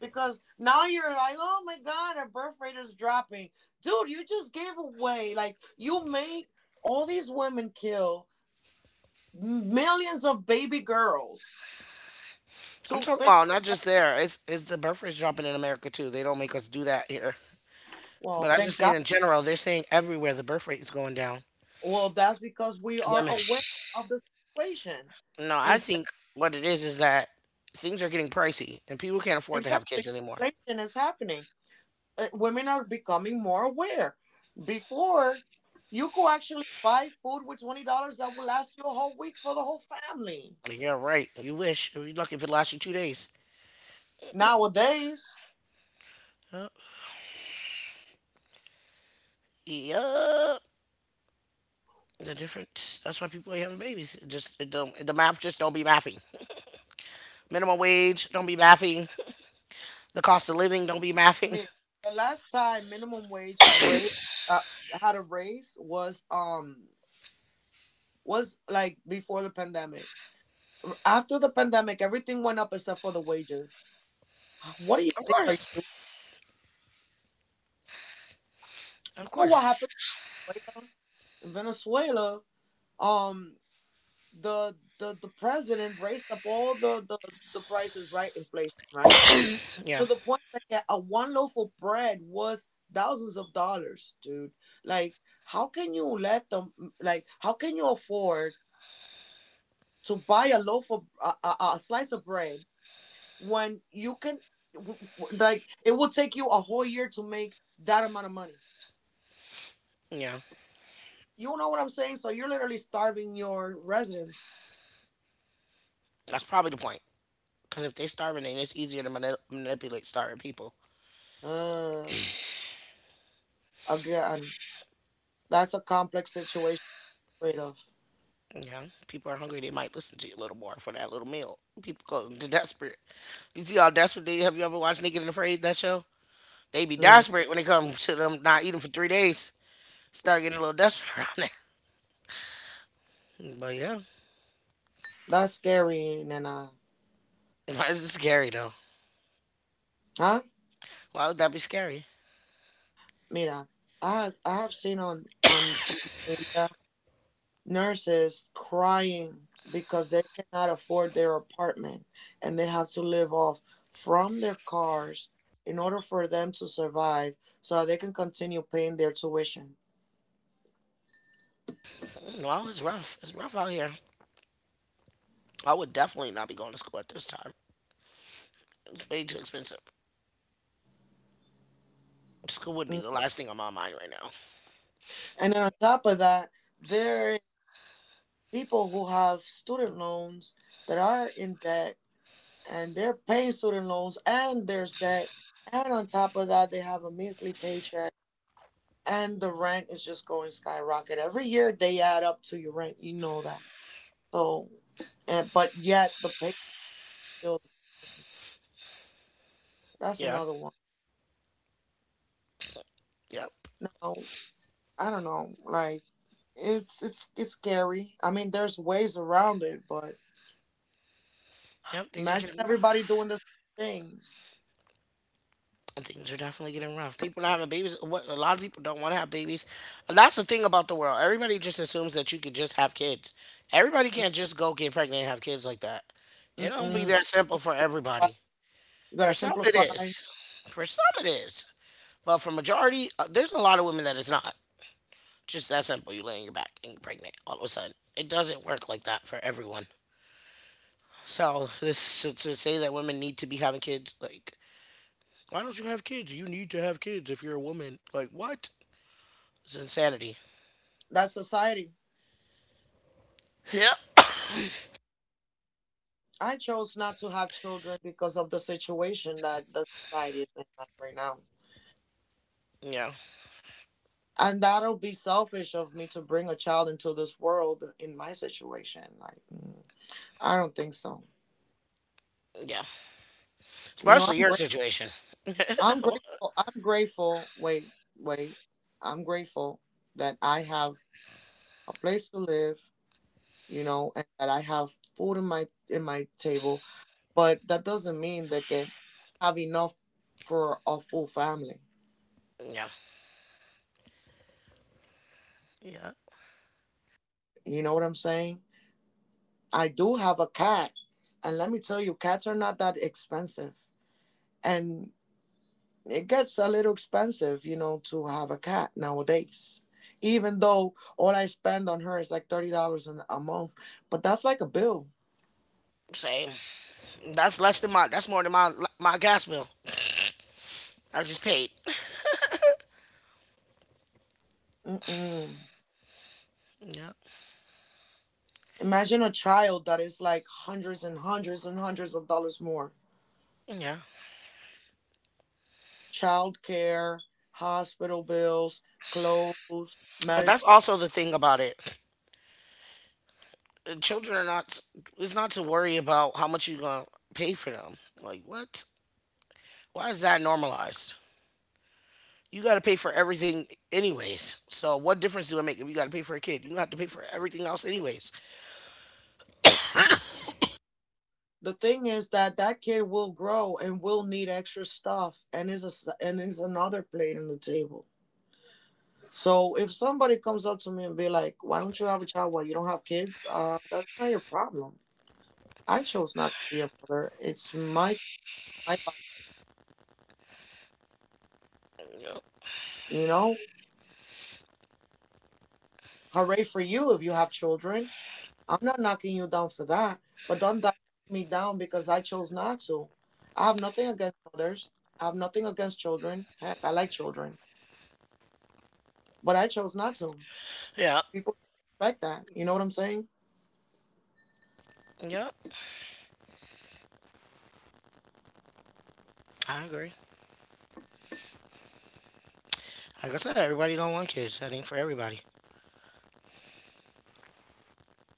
S2: because now you're like, oh my god, our birth rate is dropping. Dude, you just gave away, like you made all these women kill millions of baby girls
S1: I'm
S2: to
S1: talking
S2: fake.
S1: about not just there. It's the birth rate's dropping in America too. They don't make us do that here. But
S2: Well,
S1: I
S2: thank
S1: just mean
S2: God.
S1: in general. They're saying everywhere the birth rate is going down.
S2: Well, that's because we are
S1: Women.
S2: aware of the situation.
S1: No, I
S2: Inflation,
S1: think what it is that things are getting pricey and people can't afford to have
S2: exactly,
S1: kids anymore.
S2: inflation is happening. Women are becoming more aware. Before, you could actually buy food with $20 that would last you a whole week for the whole family.
S1: Like, yeah, right. You wish. You're lucky if it lasts you 2 days.
S2: Nowadays,
S1: Huh? Yup. The difference. That's why people ain't having babies. It just it don't the math just don't be mathing. Minimum wage don't be mathing. The cost of living don't be
S2: I
S1: mathing.
S2: mean, the last time minimum wage rate uh, had a raise was like before the pandemic. After the pandemic, everything went up except for the wages. What do you
S1: Of
S2: think are you
S1: course,
S2: doing? You
S1: of
S2: know what
S1: course.
S2: happened in Venezuela? In Venezuela, um, the president raised up all the the prices, right? Inflation, right?
S1: Yeah,
S2: To the point that yeah, a one loaf of bread was thousands of dollars, dude. Like, how can you let them? Like, how can you afford to buy a loaf of a slice of bread when you can? Like, it will take you a whole year to make that amount of money.
S1: yeah.
S2: You know what I'm saying? So you're literally starving your residents.
S1: That's probably the point. Because if they starving, then it's easier to manipulate starving people.
S2: Uh, Again, that's a complex situation afraid of.
S1: Yeah, people are hungry. They might listen to you a little more for that little meal. People go to desperate. You see how desperate they have. You ever watched Naked and Afraid? That show. They be
S2: Mm,
S1: desperate when it comes to them not eating for 3 days. Start getting a little desperate around there. But yeah,
S2: that's scary, Nana.
S1: why is it scary though?
S2: Huh?
S1: Why would that be scary?
S2: Mira, I have seen on social media nurses crying because they cannot afford their apartment and they have to live off from their cars in order for them to survive so they can continue paying their tuition.
S1: Wow, it's rough. It's rough out here. I would definitely not be going to school at this time. It's way too expensive. School would be
S2: Mm.
S1: the last thing on my mind right now.
S2: And then on top of that, there are people who have student loans that are in debt, and they're paying student loans and there's debt, and on top of that they have a measly paycheck, and the rent is just going skyrocket every year, they add up to your rent, you know that. So and, but yet the pay still, that's
S1: Yeah.
S2: another one
S1: Yep.
S2: now, I don't know like it's scary, I mean there's ways around it, but
S1: Yep. Things are
S2: imagine
S1: getting
S2: everybody
S1: rough.
S2: doing the same
S1: Things are definitely getting rough. People not having babies. What a lot of people don't want to have babies. And that's the thing about the world. Everybody just assumes that you could just have kids. Everybody
S2: thing.
S1: can't just go get pregnant and have kids like that. It don't be
S2: Mm-mm.
S1: that simple for everybody.
S2: You gotta
S1: For some it
S2: simplify
S1: is. For some it is. But for majority, there's a lot of women that is not. Just that simple. You lay on your back and you're pregnant all of a sudden. It doesn't work like that for everyone. So this, to say that women need to be having kids, like, why don't you have kids? You need to have kids if you're a woman. Like, what? It's insanity.
S2: that society.
S1: Yep.
S2: I chose not to have children because of the situation that the society is in like right now.
S1: Yeah.
S2: And that'll be selfish of me to bring a child into this world in my situation. Like, mm, I don't think so.
S1: Yeah.
S2: You know,
S1: Especially
S2: I'm
S1: your
S2: great.
S1: situation.
S2: I'm
S1: Oh,
S2: grateful. I'm grateful. Wait, wait. I'm grateful that I have a place to live. You know, and that I have food in my table. But that doesn't mean that I have enough for a full family.
S1: yeah. Yeah.
S2: You know what I'm saying? I do have a cat. And let me tell you, cats are not that expensive. And it gets a little expensive, you know, to have a cat nowadays. Even though all I spend on her is like $30 a month, but that's like a bill.
S1: Same. That's less than my. That's more than my gas bill. I just paid.
S2: Mm-mm.
S1: Yeah.
S2: Imagine a child that is like hundreds and hundreds and hundreds of dollars more.
S1: Yeah.
S2: Child care, hospital bills, clothes,
S1: But that's
S2: medicine.
S1: also the thing about it. Children are not, it's not to worry about how much you're gonna pay for them. Like what, why is that normalized? You gotta pay for everything anyways, so what difference do it make if you gotta pay for a kid? You have to pay for everything else anyways.
S2: The thing is that that kid will grow and will need extra stuff and is a and is another plate on the table. So if somebody comes up to me and be like, why don't you have a child, why you don't have kids, that's not your problem. I chose not to be a mother. It's my
S1: Yeah.
S2: body, you know. Hooray for you if you have children. I'm not knocking you down for that, but don't knock me down because I chose not to. I have nothing against mothers. I have nothing against children. Heck, I like children, but I chose not to.
S1: Yeah,
S2: People should respect that. You know what I'm saying?
S1: yeah, I agree. Like I said, everybody don't want kids. That ain't for everybody.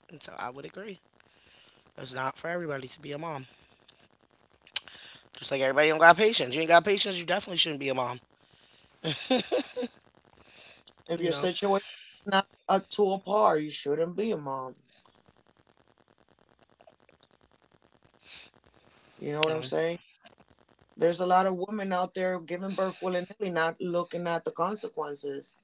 S1: And so I would agree it's not for everybody to be a mom. Just like everybody don't got patience. You ain't got patience, you definitely shouldn't be a mom,
S2: If
S1: you
S2: your
S1: know.
S2: situation's not up to a par, you shouldn't be a mom. You know what I'm
S1: um,
S2: saying? There's a lot of women out there giving birth willy nilly, not looking at the consequences.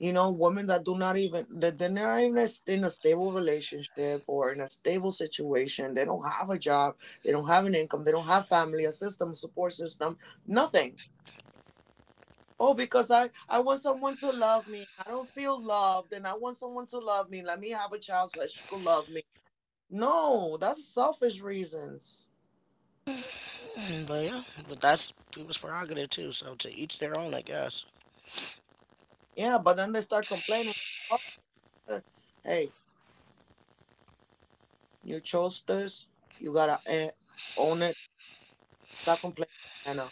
S2: You know, women that do not even that they're not even in a stable relationship or in a stable situation. They don't have a job. They don't have an income. They don't have family, a system, support system, nothing. Oh, because I want someone to love me. I don't feel loved and I want someone to love me. Let me have a child so that she could love me. No, that's selfish reasons.
S1: but yeah, but that's people's prerogative too, so to each their own, I guess.
S2: Yeah, but then they start complaining. Like, oh, hey, you chose this. You gotta own it. Stop complaining, Anna.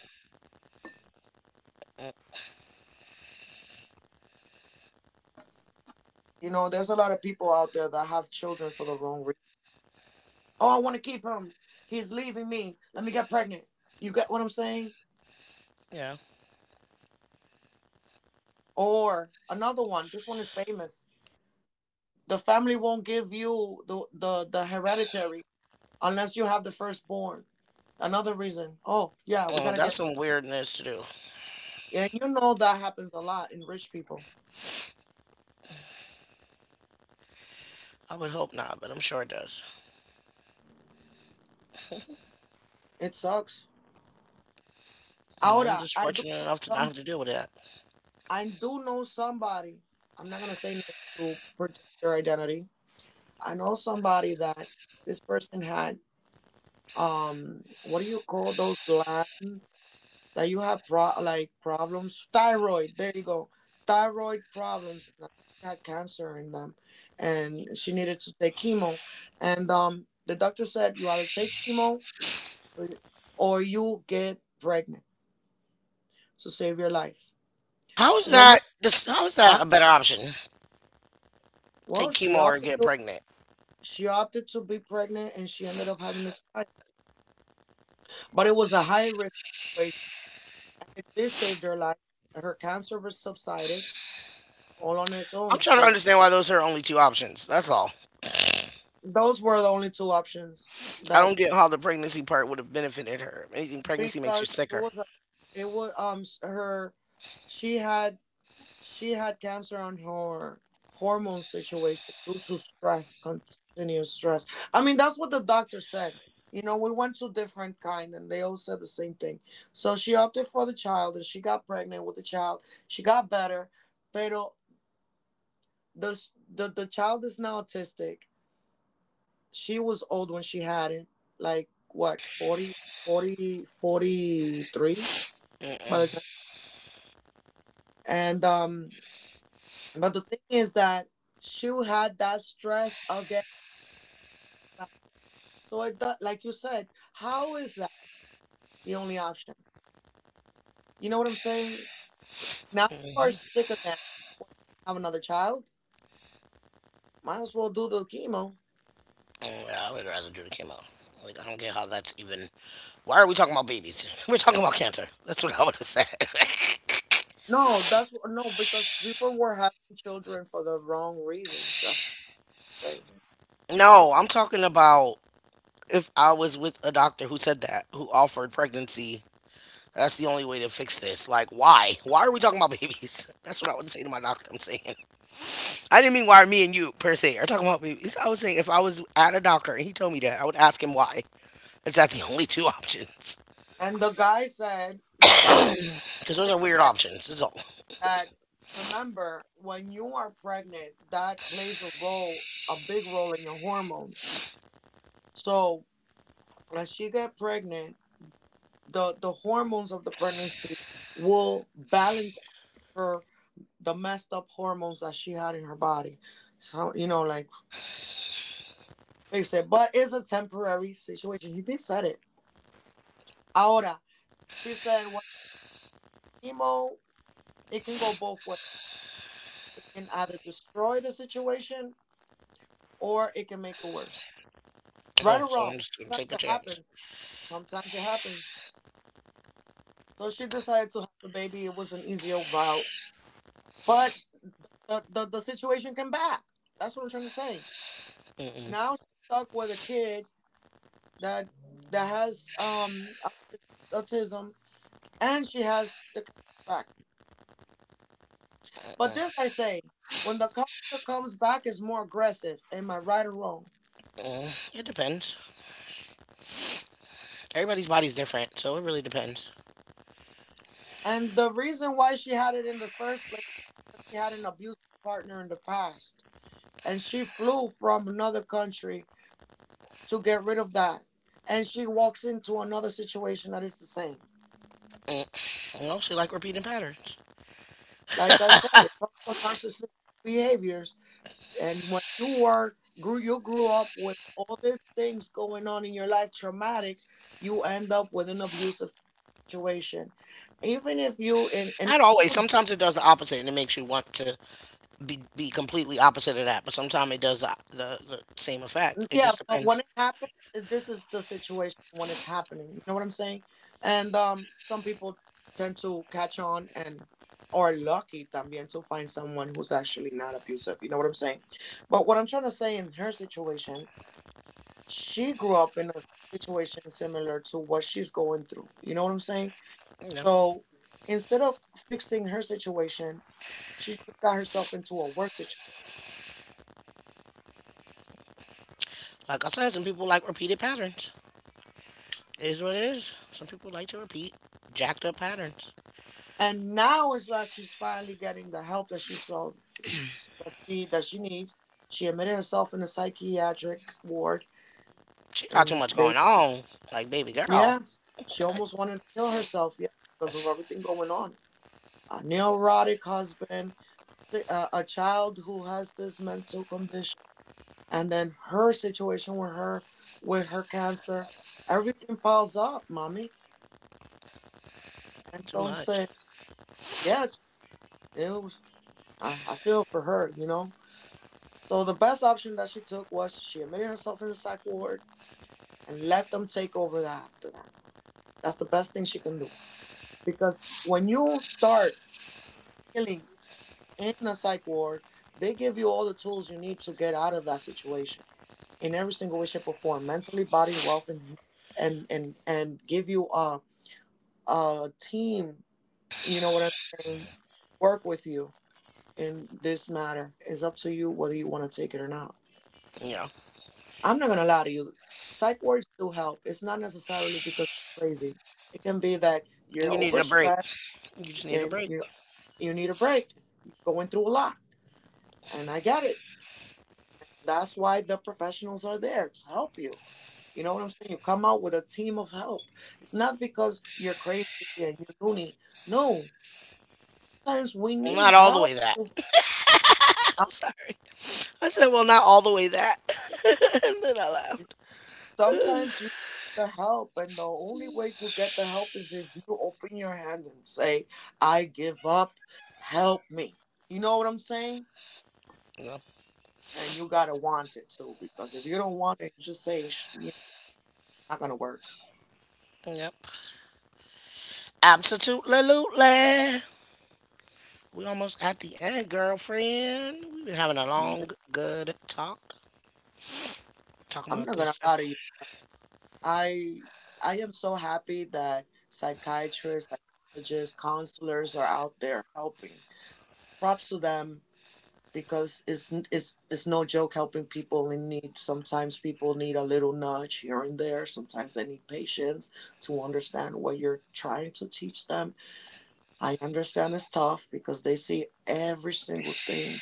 S2: You know, there's a lot of people out there that have children for the wrong reason. Oh, I want to keep him. He's leaving me. Let me get pregnant. You get what I'm saying?
S1: Yeah.
S2: Or another one. This one is famous. The family won't give you the hereditary unless you have the firstborn. Another reason. Oh, yeah, we
S1: Oh,
S2: got to
S1: that's
S2: get.
S1: some weirdness to do.
S2: And you know that happens a lot in rich people.
S1: I would hope not, but I'm sure it does.
S2: It sucks.
S1: You know, I'm
S2: Ahora,
S1: just fortunate enough to not have
S2: somebody.
S1: to deal with that.
S2: I do know somebody. I'm not going to say name to protect their identity. I know somebody that this person had, what do you call those glands that you have like problems? Thyroid, there you go. Thyroid problems, and I had cancer in them, and she needed to take chemo. And the doctor said, you either take chemo or or you get pregnant to save your life.
S1: How
S2: The
S1: is
S2: woman,
S1: that? How is that
S2: huh?
S1: a better option?
S2: Well,
S1: Take chemo or get pregnant?
S2: she opted to be pregnant and she ended up having a child, but it was a high risk situation, and it did save her life. Her cancer was subsided all on its
S1: I'm
S2: own
S1: trying to
S2: because
S1: understand why those are her only two options. That's all.
S2: those were the only two options
S1: I
S2: that,
S1: don't get how the pregnancy part would have benefited her. If anything, pregnancy makes you
S2: because it
S1: sicker.
S2: was a- it was s- her she had she had cancer on her hormone situation due to stress, continuous stress. I mean, that's what the doctor said. You know, we went to different kind and they all said the same thing. So she opted for the child and she got pregnant with the child. She got better, but the child is now autistic. She was old when she had it, like what, 40, 40, 43 by the
S1: Mm-mm.
S2: time. And but the thing is that she had that stress again. So it does, like you said, how is that the only option? You know what I'm saying? Now you are
S1: Mhm.
S2: sick again. What, have another child? Might as well do the chemo.
S1: Mm, yeah, I would rather do the chemo. Like, I don't get how that's even. Why are we talking about babies? We're talking about cancer. That's what I would have said.
S2: No, that's no, because people were having children for the wrong reasons. That's what they.
S1: No, I'm talking about if I was with a doctor who said that, who offered pregnancy, that's the only way to fix this. Like, why? Why are we talking about babies? That's what I would say to my doctor, I'm saying. I didn't mean why me and you per se are talking about babies. I was saying if I was at a doctor and he told me that, I would ask him why. Is that the only two options?
S2: And the guy said, the doctor said
S1: Because those are weird options. This is all.
S2: that, remember when you are pregnant, that plays a role, a big role in your hormones. So as she get pregnant, the hormones of the pregnancy will balance her, the messed up hormones that she had in her body. So you know, like, they said, but it's a temporary situation. He did said it. Ahora, she said, when chemo, it can go both ways. It can either destroy the situation or it can make it worse. Right
S1: Oh,
S2: or
S1: so
S2: wrong,
S1: I'm just gonna
S2: sometimes
S1: take a
S2: it
S1: chance.
S2: happens. Sometimes it happens. So she decided to have the baby. It was an easier route, but the situation came back. That's what I'm trying to say.
S1: Mm-mm,
S2: Now she's stuck with a kid that that has autism, and she has the cancer back. But
S1: mm-mm,
S2: this I say, when the cancer comes back, is more aggressive. Am I right or wrong?
S1: mm. It depends. Everybody's body's different, so it really depends.
S2: And the reason why she had it in the first place, she had an abusive partner in the past and she flew from another country to get rid of that. And she walks into another situation that is the same.
S1: Mm. And also, like repeating patterns.
S2: Like I said, it comes from narcissistic behaviors. And when you grew up with all these things going on in your life, traumatic, you end up with an abusive situation. Even if you and you
S1: Not always.
S2: don't.
S1: Sometimes it does the opposite and it makes you want to be, completely opposite of that, but sometimes it does the same effect. It
S2: Yeah,
S1: just
S2: but
S1: depends,
S2: when it happens, this is the situation when it's happening. You know what I'm saying? And some people tend to catch on and are lucky también to find someone who's actually not abusive. You know what I'm saying? But what I'm trying to say, in her situation, she grew up in a situation similar to what she's going through. You know what I'm saying?
S1: you know.
S2: So instead of fixing her situation, she just got herself into a worse situation.
S1: Like I said, some people like repeated patterns. It is what it is. Some people like to repeat jacked up patterns.
S2: And now is that she's finally getting the help that she saw that that she needs. She admitted herself in a psychiatric ward,
S1: She got too
S2: and
S1: much
S2: they,
S1: going on. Like baby girl,
S2: yes, she almost wanted to kill herself, yeah, because of everything going on. A neurotic husband, a child who has this mental condition, and then her situation with her cancer. Everything piles up, mommy.
S1: too much.
S2: Entonces, yeah, it was, I feel for her, you know. So the best option that she took was she admitted herself in the psych ward and let them take over that after that. That's the best thing she can do. Because when you start healing in a psych ward, they give you all the tools you need to get out of that situation in every single way, shape, or form, mentally, body, wealth, and and give you a team, you know what I'm saying, work with you in this matter. It's up to you whether you want to take it or not.
S1: You know,
S2: I'm not gonna lie to you. Psych wards do help. It's not necessarily because you're crazy. It can be that you're
S1: you needed a break.
S2: overstressed
S1: You just needed a
S2: and
S1: break.
S2: you need a break. You're going through a lot, and I get it. That's why the professionals are there to help you. You know what I'm saying? You come out with a team of help. It's not because you're crazy and you're loony. No, sometimes we
S1: Well,
S2: need
S1: not all the
S2: help.
S1: way that. I'm sorry. I said, well, not all the way that. And then I laughed.
S2: Sometimes you need the help, and the only way to get the help is if you open your hand and say, I give up, help me. You know what I'm saying?
S1: Yep.
S2: And you gotta want it too, because if you don't want it, you're just saying, you know, not gonna work."
S1: Yep. Absolutely. We almost at the end, girlfriend. We've been having a
S2: Yeah.
S1: long, good talk. Talking
S2: I'm
S1: about
S2: not
S1: this
S2: gonna
S1: stuff.
S2: lie to you. i I am so happy that psychiatrists, psychologists, counselors are out there helping. Props to them, because it's no joke helping people in need. Sometimes people need a little nudge here and there. Sometimes they need patience to understand what you're trying to teach them. I understand it's tough because they see every single thing,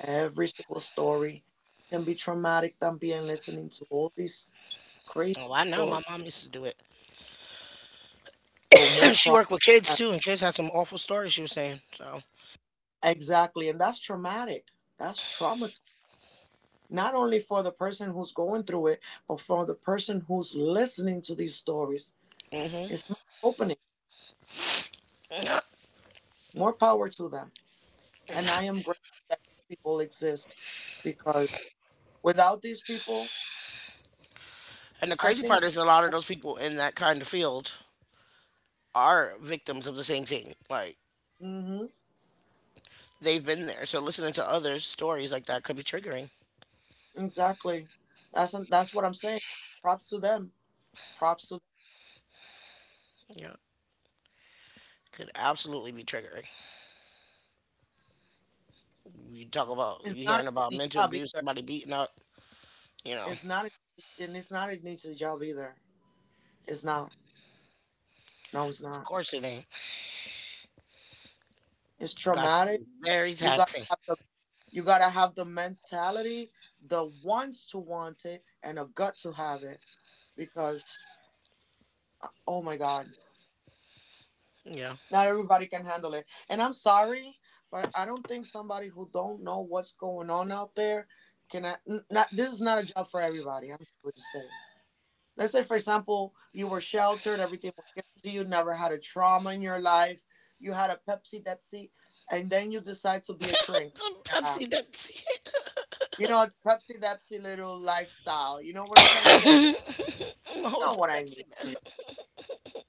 S2: every single story. It can be traumatic them being listening to all these crazy
S1: Oh, I know.
S2: stories.
S1: My mom used to do it.
S2: So more
S1: She
S2: pro.
S1: worked with kids too, and kids had some awful stories she was saying. So,
S2: Exactly, and that's traumatic. That's traumatizing, not only for the person who's going through it, but for the person who's listening to these stories.
S1: hmm,
S2: It's opening.
S1: yeah,
S2: More power to them. And I am
S1: exactly.
S2: grateful that people exist, because without these people,
S1: And the
S2: I
S1: crazy part
S2: think.
S1: is a lot of those people in that kind of field are victims of the same thing. Like
S2: Mm hmm.
S1: they've been there. So listening to others' stories like that could be triggering.
S2: Exactly. That's what I'm saying. Props to them. Props to them.
S1: Yeah. Could absolutely be triggering. You talk about
S2: It's
S1: you
S2: not an
S1: hearing about
S2: easy
S1: mental
S2: job
S1: abuse,
S2: either.
S1: somebody beating up, you know. Of
S2: It's not an, it's not an easy job either. It's not. No, it's not.
S1: course it ain't.
S2: It's
S1: Got to
S2: traumatic.
S1: be very
S2: You got to
S1: taxing.
S2: have the. You got to have the mentality, the wants to want it, and a gut to have it, because, oh my God,
S1: Yeah.
S2: not everybody can handle it. And I'm sorry, but I don't think somebody who don't know what's going on out there can. Not, this is not a job for everybody. I'm sorry to say. Let's say, for example, you were sheltered, everything was given to you, never had a trauma in your life, you had a Pepsi Depsy, and then you decide to be a shrink. Yeah,
S1: Pepsi, Pepsi.
S2: you know, Pepsi Depsy little lifestyle. You know what I'm trying to say?
S1: I'm
S2: You know
S1: always
S2: what
S1: a
S2: I
S1: Pepsi
S2: mean.
S1: man.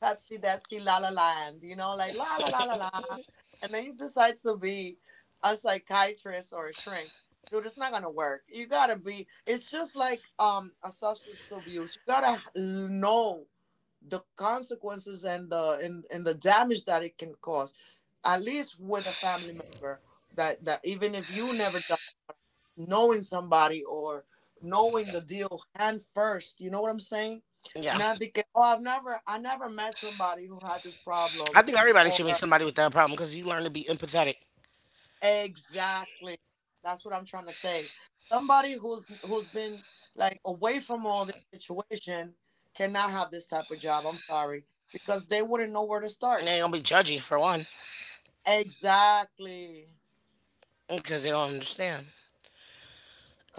S2: Pepsi Depsy La La Land. You know, like la la la la la. And then you decide to be a psychiatrist or a shrink. Dude, it's not gonna work. You gotta be. It's just like a substance abuse. You gotta know the consequences and the damage that it can cause. At least with a family member. That that Even if you never done, knowing somebody or knowing the deal hand first. You know what I'm saying?
S1: Yeah.
S2: Not the oh, I never met somebody who had this
S1: I
S2: problem
S1: think everybody
S2: or,
S1: should meet somebody with that problem because you learn to be empathetic.
S2: exactly. That's what I'm trying to say. Somebody who's been like away from all this situation cannot have this type of job. I'm sorry, because they wouldn't know where to
S1: And
S2: start.
S1: they ain't gonna be judgy for one
S2: Exactly.
S1: because they don't understand.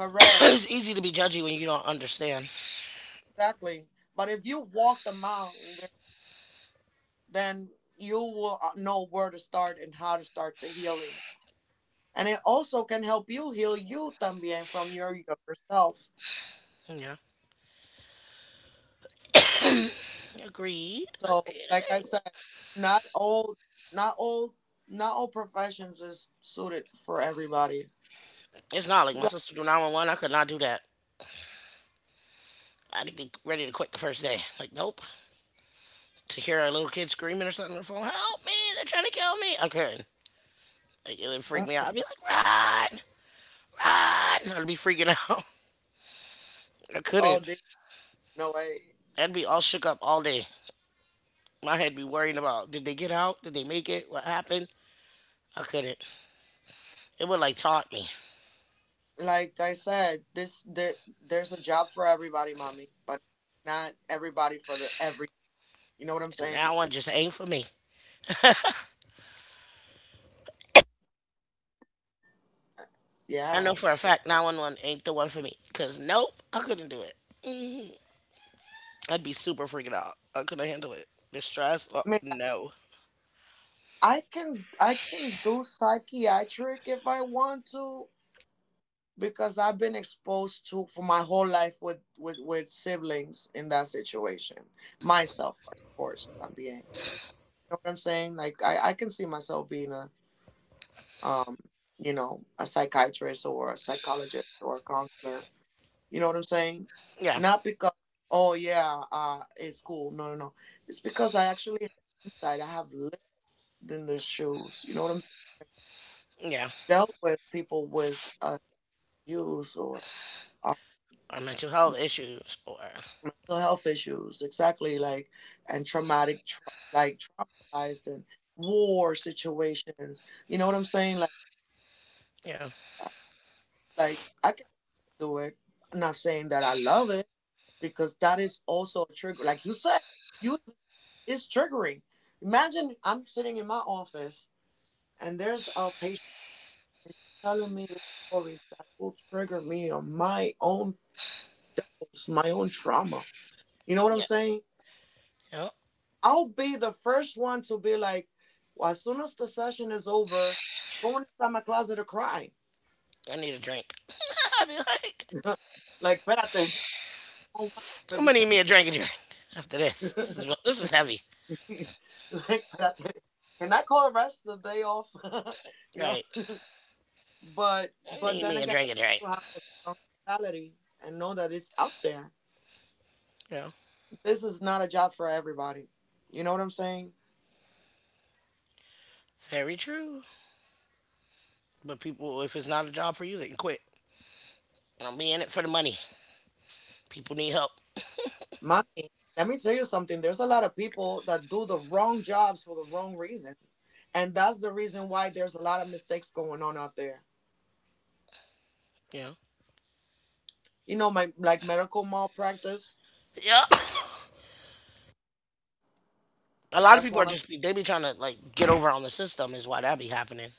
S1: It's easy to be judgy when you don't understand.
S2: Exactly. But if you walk the mile, then you will know where to start and how to start the healing. And it also can help you heal you también from your younger self.
S1: Yeah. Agreed.
S2: So,
S1: Agreed.
S2: like I
S1: Agreed.
S2: said, not all, not all, not all professions is suited for everybody.
S1: It's not like
S2: You
S1: my
S2: got
S1: sister do 911. I could not do that. I'd be ready to quit the first day. Like, nope. To hear a little kid screaming or something on the phone, help me, they're trying to kill me. I couldn't. Like, it would
S2: uh,
S1: freak me out. I'd be like, run, run. I'd be freaking out. I
S2: oh,
S1: couldn't.
S2: dude, no way.
S1: I'd be all shook up all day. My head be worrying about did they get out? Did they make it? What happened? I couldn't. It would like taunt me.
S2: Like I said, there's a job for everybody, mommy, but not everybody for the every. You know what I'm
S1: And
S2: saying?
S1: that one just ain't for me. I know
S2: Yeah,
S1: for a
S2: it's true.
S1: fact 911 ain't the one for me. Cause nope, I couldn't do it. Mhm. I'd be super freaking out. I couldn't handle it. The stress, oh, no.
S2: I can do psychiatric if I want to because I've been exposed to for my whole life with with siblings in that situation. Myself, of course, I'm being. You know what I'm saying? Like I can see myself being a um you know a psychiatrist or a psychologist or a counselor. You know what I'm saying?
S1: Yeah,
S2: Not because oh yeah it's cool. No, no, no. It's because I actually have insight. I have lived in the shoes. You know what I'm saying?
S1: yeah.
S2: Dealt with people with abuse or um,
S1: Or mental health
S2: like,
S1: issues, or
S2: mental health issues, exactly like and traumatic, like traumatized and war situations. You know what I'm saying? Like,
S1: yeah,
S2: I- like I can do it. I'm not saying that I love it because that is also a trigger. Like you said, you it's triggering. Imagine I'm sitting in my office and there's a patient and she's telling me the stories that will trigger me on my own trauma. You know what I'm
S1: yeah.
S2: saying?
S1: Yep.
S2: I'll be the first one to be like, well, as soon as the session is over, going inside my closet to cry.
S1: I need a drink. I'd be like,
S2: Like, espérate, oh my, but
S1: I'm gonna need
S2: before,
S1: me a drink and drink after this. This is heavy.
S2: like, espérate, can I call the rest of the day off? you know,
S1: Right.
S2: but
S1: Need
S2: then
S1: me a
S2: again,
S1: drink and drink.
S2: you have to have a strong mentality and know that it's out there.
S1: Yeah.
S2: This is not a job for everybody. You know what I'm saying?
S1: Very true. But people, if it's not a job for you, they can quit. Don't be in it for the money. People need help.
S2: Mommy, let me tell you something. There's a lot of people that do the wrong jobs for the wrong reasons. And that's the reason why there's a lot of mistakes going on out there.
S1: You know.
S2: You know, my like medical malpractice.
S1: Yeah. A lot of
S2: That's
S1: people are
S2: one of the,
S1: they be trying to like get over on the system is why that be happening.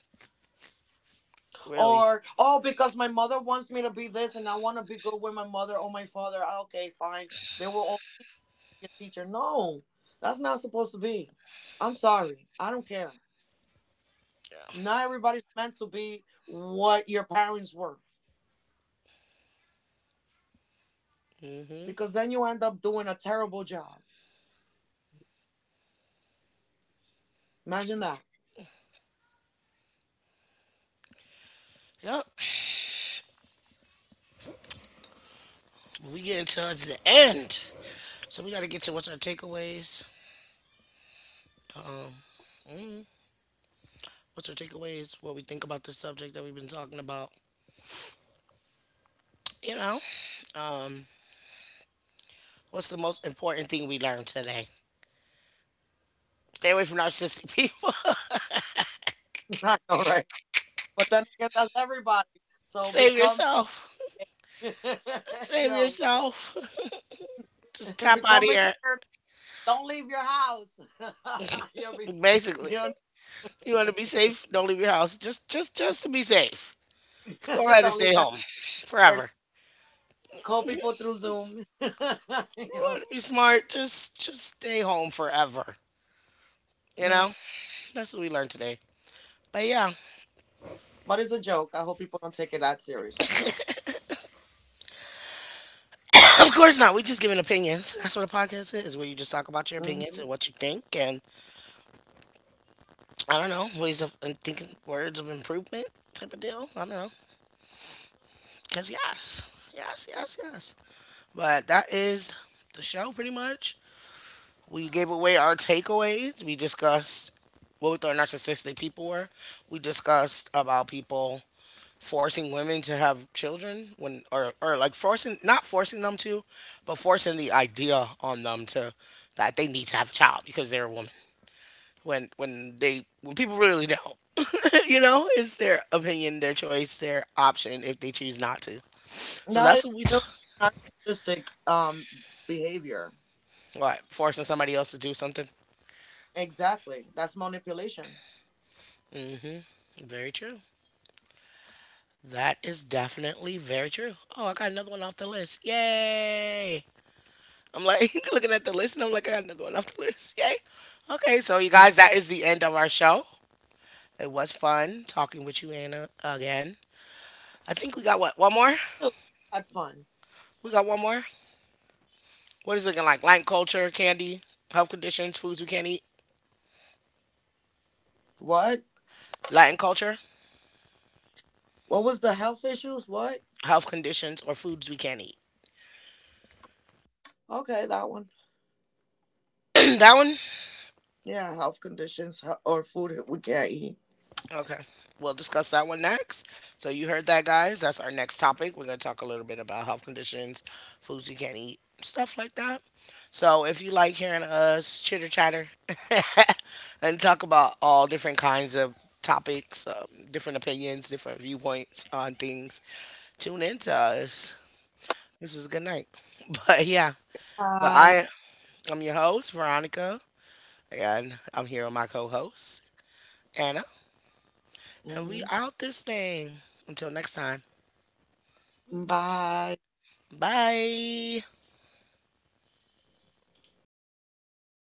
S1: Really.
S2: or oh because my mother wants me to be this and I want to be good with my mother or my father. Ah, okay, fine. They will all teach me a teacher. No, that's not supposed to be. I'm sorry. I don't care.
S1: Yeah.
S2: Not everybody's meant to be what your parents were,
S1: Mhm.
S2: because then you end up doing a terrible job. Imagine that.
S1: Yep. We getting towards the end, so we got to get to what's our takeaways. What's our takeaways? What we think about this subject that we've been talking about. You know. Um. What's the most important thing we learned today? Stay away from narcissistic people.
S2: I know, right? But then again, that's everybody. So
S1: Save
S2: become,
S1: yourself. Save
S2: yo,
S1: yourself. Just tap out of
S2: become
S1: here.
S2: introverted. Don't leave your house. Yo, be, you
S1: Basically, you want to be safe, don't leave your house. Just just to be safe. Just go ahead and
S2: don't leave
S1: stay
S2: your house.
S1: home
S2: Introverted.
S1: forever.
S2: Call people through Zoom.
S1: You want
S2: Yo.
S1: to be smart, just stay home forever. You
S2: Hmm.
S1: know? That's what we learned today. But yeah.
S2: But it's a joke. I hope people don't take it that seriously, though.
S1: Of course not. We just giving opinions. That's what a podcast is, where you just talk about your opinions
S2: Mhm.
S1: and what you think and I don't know, ways of and thinking words of improvement type of deal. I don't know. Cause yes. Yes, yes, yes. But that is the show pretty much. We gave away our takeaways. We discussed what we thought narcissistic people were. We discussed about people forcing women to have children when or like forcing, not forcing them to, but forcing the idea on them to that they need to have a child because they're a woman. When people really don't. You know, it's their opinion, their choice, their option if they choose not to. So
S2: That is
S1: that's what we
S2: still
S1: talk.
S2: narcissistic behavior.
S1: What, forcing somebody else to do something?
S2: Exactly. That's manipulation.
S1: Very true. That is definitely very true. Oh, I got another one off the list. Yay. I'm like looking at the list and I'm like, I got another one off the list. Yay. Okay, so you
S2: Mhm.
S1: guys, that is the end of our show. It was fun talking with you, Anna, again. I think we got what? One more?
S2: Had fun.
S1: We got one more? What is it looking like? Latin culture, candy, health conditions, foods we can't eat?
S2: What?
S1: Latin culture,
S2: What was the health issues? What?
S1: health conditions, or foods we can't eat?
S2: Okay, that one.
S1: That one?
S2: Yeah, health conditions or food that we can't eat.
S1: Okay. We'll discuss that one next. So you heard that, guys. That's our next topic. We're going to talk a little bit about health conditions, foods you can't eat, stuff like that. So if you like hearing us chitter chatter and talk about all different kinds of topics, different opinions, different viewpoints on things, tune in to us. This is a good night. But yeah, but
S2: Bye.
S1: I'm your host Veronica, and I'm here with my co-host Anna, and we
S2: Hmm.
S1: out this thing. Until next time.
S2: Bye.
S1: Bye.